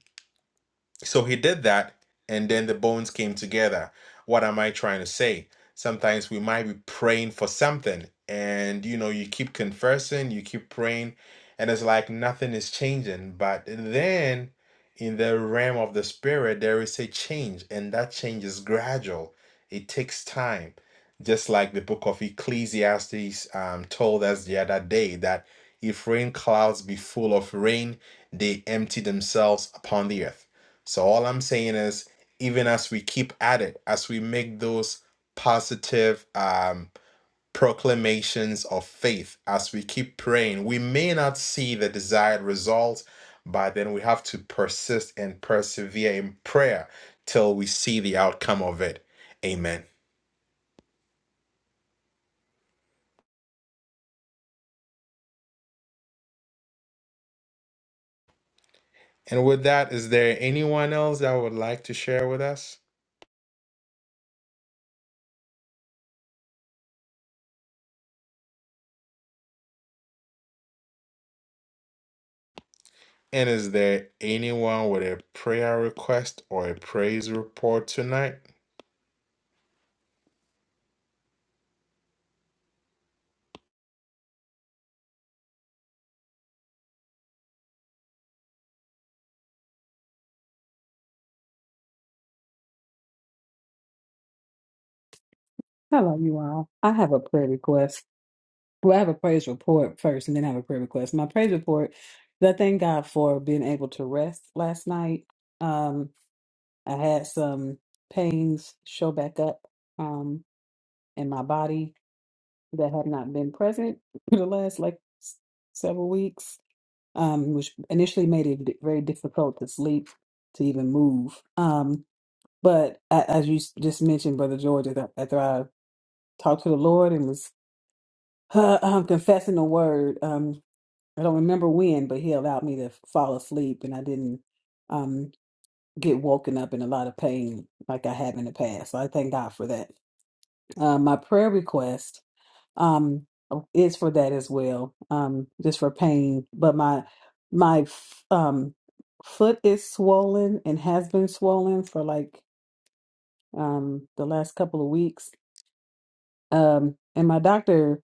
A: So he did that, and then the bones came together. What am I trying to say? Sometimes we might be praying for something, and you know, you keep confessing, you keep praying, and it's like nothing is changing. But then in the realm of the spirit, there is a change, and that change is gradual, it takes time. Just like the book of Ecclesiastes um, told us the other day that if rain clouds be full of rain, they empty themselves upon the earth. So all I'm saying is, even as we keep at it, as we make those positive um, proclamations of faith, as we keep praying, we may not see the desired results, but then we have to persist and persevere in prayer till we see the outcome of it. Amen. And with that, is there anyone else that would like to share with us? And is there anyone with a prayer request or a praise report tonight?
E: Hello, you all. I have a prayer request. Well, I have a praise report first and then I have a prayer request. My praise report is I thank God for being able to rest last night. Um, I had some pains show back up um, in my body that have not been present for the last like s- several weeks, um, which initially made it d- very difficult to sleep, to even move. Um, but a- as you s- just mentioned, Brother George, after after I talked to the Lord and was uh, um, confessing the word. Um, I don't remember when, but he allowed me to fall asleep, and I didn't um, get woken up in a lot of pain like I have in the past. So I thank God for that. Uh, my prayer request um, oh, is for that as well, um, just for pain. But my my f- um, foot is swollen and has been swollen for like um, the last couple of weeks Um, and my doctor,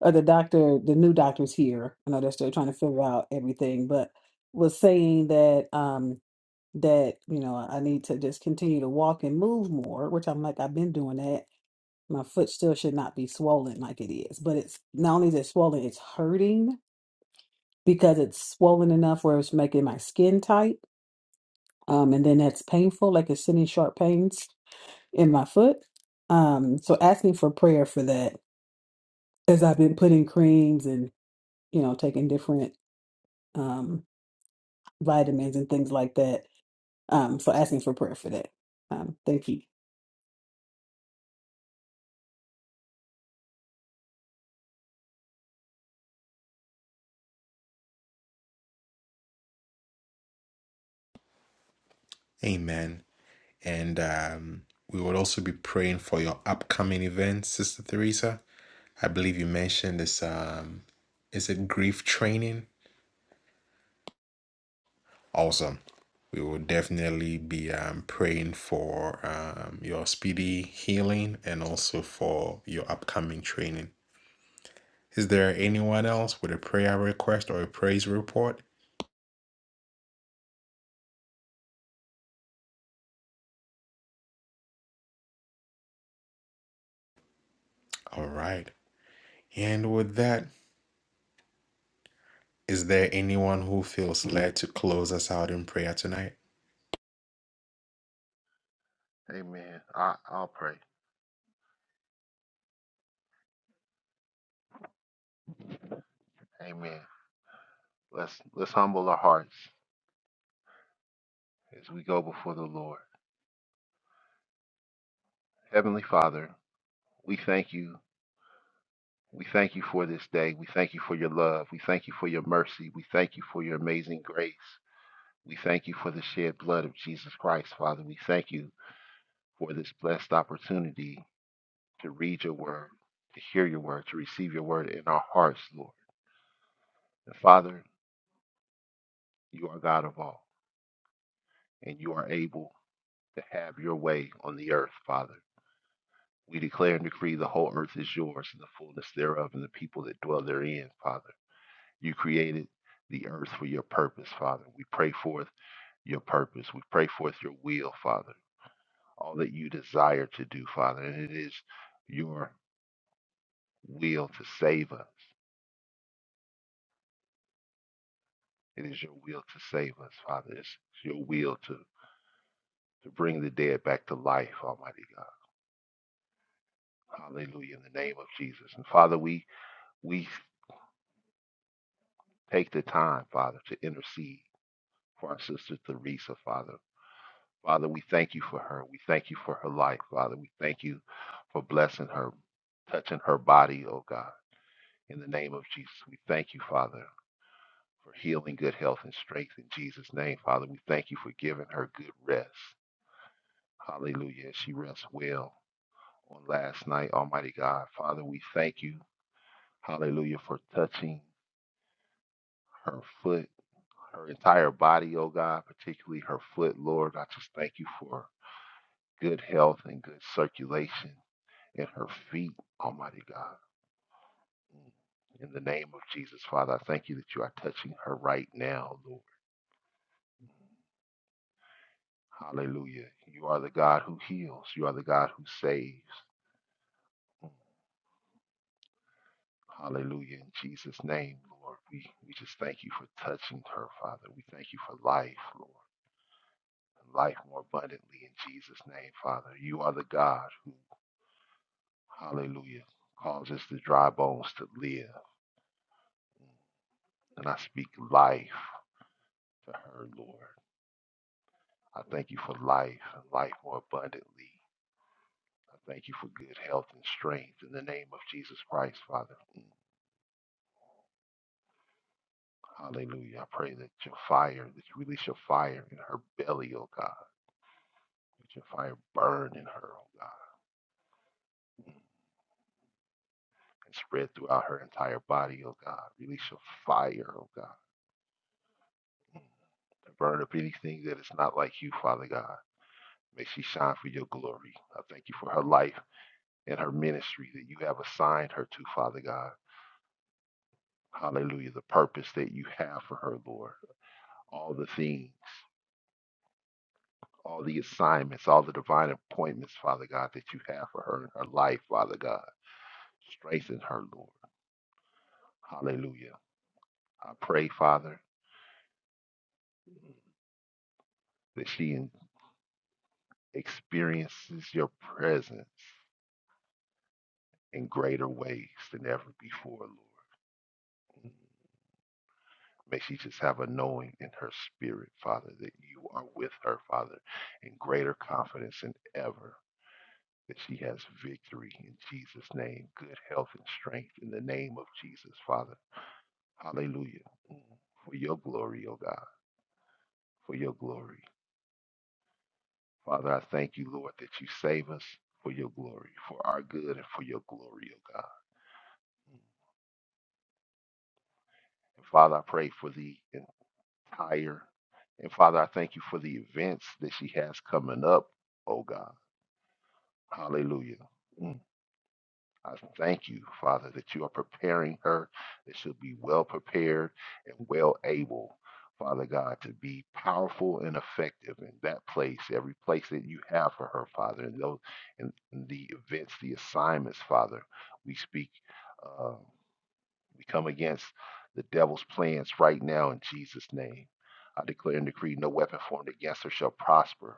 E: or the doctor, the new doctor's here. I know they're still trying to figure out everything, but was saying that um that you know I need to just continue to walk and move more, which I'm like I've been doing that. My foot still should not be swollen like it is, but it's not only is it swollen, it's hurting because it's swollen enough where it's making my skin tight, um, and then that's painful, like it's sending sharp pains in my foot. Um, so asking for prayer for that, as I've been putting creams you know, taking different um, vitamins and things like that. Um, so asking for prayer for that. Um, thank you.
A: Amen. And um, we will also be praying for your upcoming events, Sister Theresa. I believe you mentioned this. Um, is it grief training? Awesome. We will definitely be um, praying for um, your speedy healing and also for your upcoming training. Is there anyone else with a prayer request or a praise report? All right. And with that, is there anyone who feels led to close us out in prayer tonight?
C: Amen. I, I'll pray. Amen. Let's let's humble our hearts as we go before the Lord. Heavenly Father, we thank you. We thank you for this day. We thank you for your love. We thank you for your mercy. We thank you for your amazing grace. We thank you for the shed blood of Jesus Christ, Father. We thank you for this blessed opportunity to read your word, to hear your word, to receive your word in our hearts, Lord. And Father, you are God of all, and you are able to have your way on the earth, Father. We declare and decree the whole earth is yours and the fullness thereof and the people that dwell therein, Father. You created the earth for your purpose, Father. We pray forth your purpose. We pray forth your will, Father. All that you desire to do, Father. And it is your will to save us. It is your will to save us, Father. It's your will to to bring the dead back to life, Almighty God. Hallelujah, in the name of Jesus. And Father, we we take the time, Father, to intercede for our sister Teresa, Father. Father, we thank you for her. We thank you for her life, Father. We thank you for blessing her, touching her body, oh God. In the name of Jesus, we thank you, Father, for healing, good health, and strength in Jesus' name, Father. We thank you for giving her good rest. Hallelujah. She rests well on last night, Almighty God. Father, we thank you Hallelujah for touching her foot, her entire body, oh God, particularly her foot, Lord. I just thank you for good health and good circulation in her feet, Almighty God. Mm. In the name of Jesus, Father, I thank you that you are touching her right now, Lord. Hallelujah. You are the God who heals. You are the God who saves. Mm. Hallelujah. In Jesus' name, Lord, we, we just thank you for touching her, Father. We thank you for life, Lord. and life more abundantly in Jesus' name, Father. You are the God who, hallelujah, causes the dry bones to live. And I speak life to her, Lord. I thank you for life and life more abundantly. I thank you for good health and strength in the name of Jesus Christ, Father. Hallelujah. I pray that your fire, that you release your fire in her belly, oh God. Let your fire burn in her, oh God, and spread throughout her entire body, oh God. Release your fire, oh God. and burn up anything that is not like you, Father God. May she shine for your glory. I thank you for her life and her ministry that you have assigned her to, Father God. Hallelujah. The purpose that you have for her, Lord. All the things, all the assignments, all the divine appointments, Father God, that you have for her in her life, Father God. Strengthen her, Lord. Hallelujah. I pray, Father, that she experiences your presence in greater ways than ever before, Lord. May she just have a knowing in her spirit, Father, that you are with her, Father, in greater confidence than ever, that she has victory in Jesus' name, good health and strength in the name of Jesus, Father. Hallelujah. Mm. For your glory, O God, for your glory. Father, I thank you, Lord, that you save us for your glory, for our good, and for your glory, O God. Mm. And Father, I pray for the entire, and Father, I thank you for the events that she has coming up, O God. Hallelujah. Mm. I thank you, Father, that you are preparing her, that she'll be well prepared and well able, Father God, to be powerful and effective in that place, every place that you have for her, Father, and those and the events, the assignments, Father. We speak, uh, we come against the devil's plans right now in Jesus' name. I declare and decree no weapon formed against her shall prosper.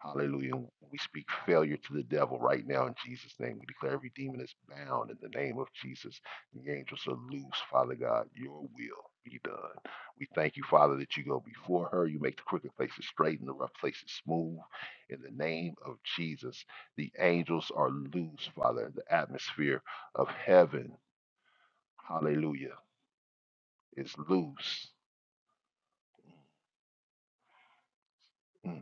C: Hallelujah. We speak failure to the devil right now in Jesus' name. We declare every demon is bound in the name of Jesus. The angels are loose, Father God. Your will be done. We thank you, Father, that you go before her. You make the crooked places straight and the rough places smooth. In the name of Jesus, the angels are loose, Father. The atmosphere of heaven, hallelujah, is loose. Mm.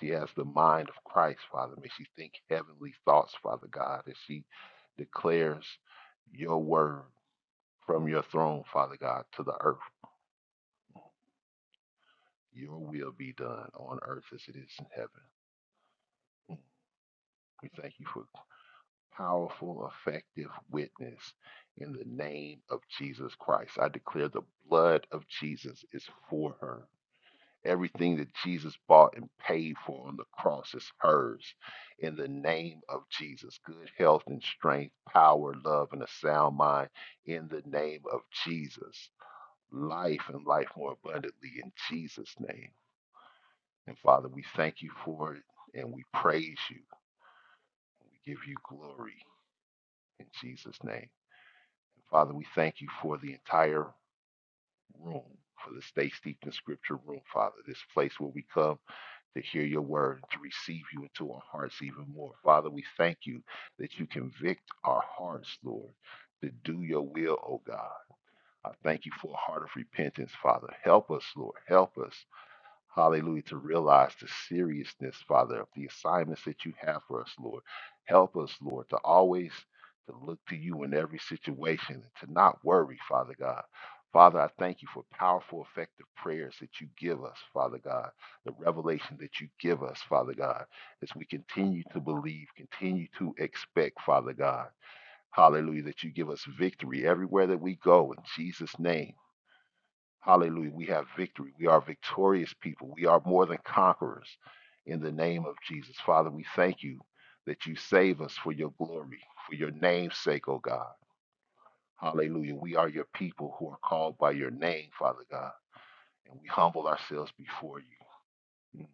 C: She has the mind of Christ, Father. May she think heavenly thoughts, Father God, as she declares your word from your throne, Father God, to the earth. Your will be done on earth as it is in heaven. Mm. We thank you for powerful, effective witness in the name of Jesus Christ. I declare the blood of Jesus is for her. Everything that Jesus bought and paid for on the cross is hers. In the name of Jesus, good health and strength, power, love, and a sound mind. In the name of Jesus, life and life more abundantly in Jesus' name. And Father, we thank you for it and we praise you. We give you glory in Jesus' name. And Father, we thank you for the entire room, for the Stay Steeped in Scripture room, Father, this place where we come to hear your word to receive you into our hearts even more. Father, we thank you that you convict our hearts, Lord, to do your will, O God. I thank you for a heart of repentance, Father. Help us, Lord. Help us. Hallelujah. To realize the seriousness, Father, of the assignments that you have for us, Lord. Help us, Lord, to always to look to you in every situation and to not worry, Father God. Father, I thank you for powerful, effective prayers that you give us, Father God, the revelation that you give us, Father God, as we continue to believe, continue to expect, Father God. Hallelujah, that you give us victory everywhere that we go in Jesus' name. Hallelujah. We have victory. We are victorious people. We are more than conquerors in the name of Jesus. Father, we thank you that you save us for your glory, for your name's sake, oh God. Hallelujah. We are your people who are called by your name, Father God. And we humble ourselves before you. Mm.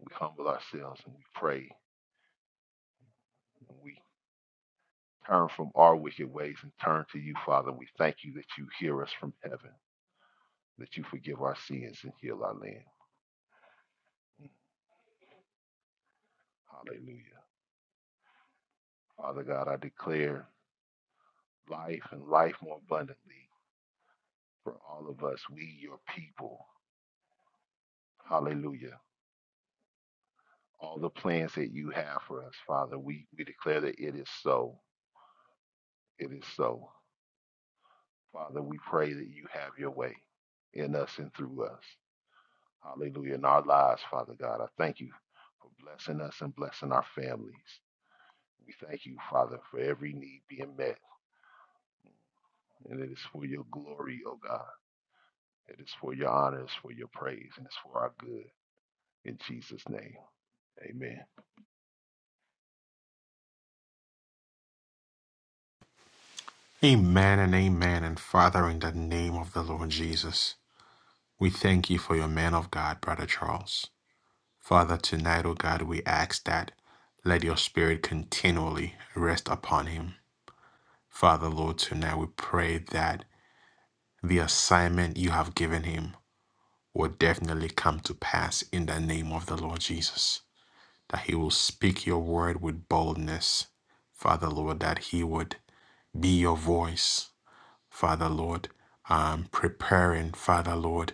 C: We humble ourselves and we pray. And we turn from our wicked ways and turn to you, Father. We thank you that you hear us from heaven, that you forgive our sins and heal our land. Mm. Hallelujah. Father God, I declare life and life more abundantly for all of us. We, your people. Hallelujah. All the plans that you have for us, Father, we, we declare that it is so. It is so. Father, we pray that you have your way in us and through us. Hallelujah. In our lives, Father God, I thank you for blessing us and blessing our families. We thank you, Father, for every need being met. And it is for your glory, O God. It is for your honor, it's for your praise, and it's for our good. In Jesus' name, amen.
A: Amen and amen. And Father, in the name of the Lord Jesus, we thank you for your man of God, Brother Charles. Father, tonight, O God, we ask that let your spirit continually rest upon him. Father, Lord, tonight we pray that the assignment you have given him will definitely come to pass in the name of the Lord Jesus. That he will speak your word with boldness. Father, Lord, that he would be your voice Father Lord, um, preparing, Father Lord,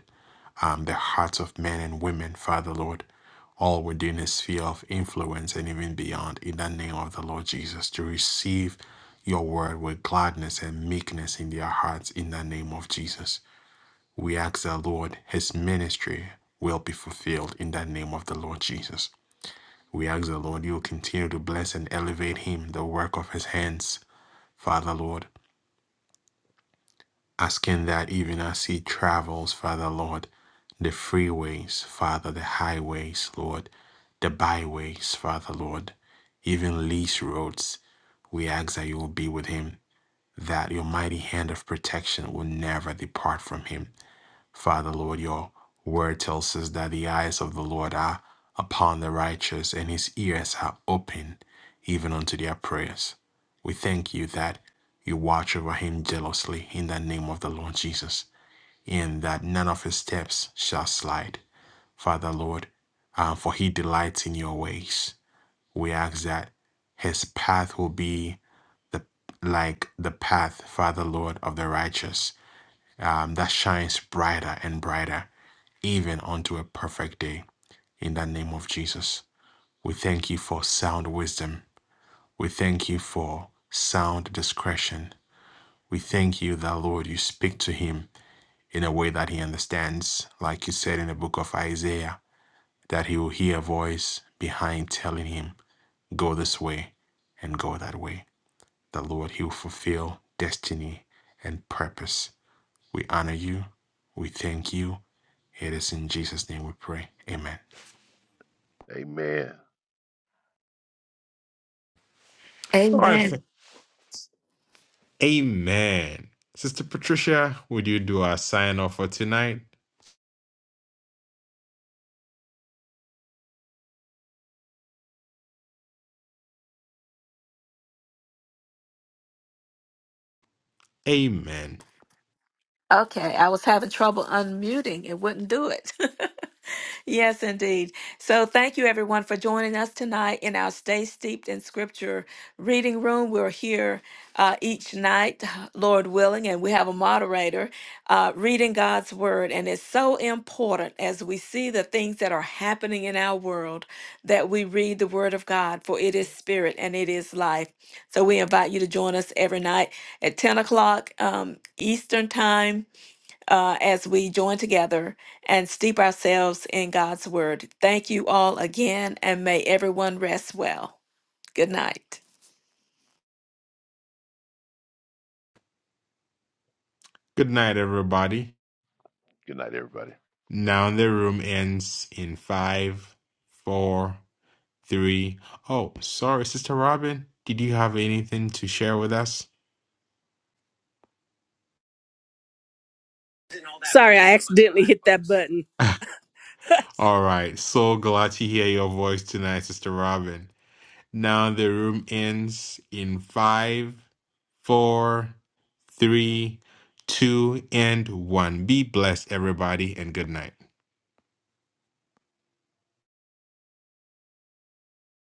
A: um, the hearts of men and women, Father Lord, all within a sphere of influence and even beyond, in the name of the Lord Jesus, to receive your word with gladness and meekness in their hearts, in the name of Jesus. We ask the Lord, his ministry will be fulfilled in the name of the Lord Jesus. We ask the Lord, you will continue to bless and elevate him, the work of his hands, Father Lord. asking that even as he travels, Father Lord, the freeways, Father, the highways, Lord, the byways, Father Lord, even lease roads, we ask that you will be with him, that your mighty hand of protection will never depart from him Father, Lord, your word tells us that the eyes of the Lord are upon the righteous and his ears are open even unto their prayers. We thank you that you watch over him jealously in the name of the Lord Jesus, and that none of his steps shall slide. Father, Lord, uh, for he delights in your ways. We ask that his path will be the like the path, Father Lord, of the righteous um, that shines brighter and brighter, even unto a perfect day. In the name of Jesus, we thank you for sound wisdom. We thank you for sound discretion. We thank you that, Lord, you speak to him in a way that he understands, like you said in the book of Isaiah, that he will hear a voice behind telling him, Go this way and go that way. The Lord, he will fulfill destiny and purpose We honor you. We thank you. It is in Jesus' name we pray. Amen.
C: Amen.
A: All right.
D: Amen.
A: fa- Amen. Sister Patricia, would you do our sign off for tonight? Amen.
D: Okay, I was having trouble unmuting. It wouldn't do it. Yes, indeed. So, thank you everyone for joining us tonight in our Stay Steeped in Scripture reading room. We're here uh, each night, Lord willing, and we have a moderator uh, reading God's Word. And it's so important as we see the things that are happening in our world that we read the Word of God, for it is spirit and it is life. So, we invite you to join us every night at 10 o'clock um, Eastern Time uh, as we join together and steep ourselves in God's word. Thank you all again, and may everyone rest well. Good night.
A: Good night, everybody.
C: Good night, everybody.
A: Now the room ends in five, four, three. Oh, sorry, Sister Robin. Did you have anything to share with us?
F: Sorry, I accidentally hit that button.
A: All right. So glad to hear your voice tonight, Sister Robin. Now the room ends in five, four, three, two, and one. Be blessed, everybody, and good night.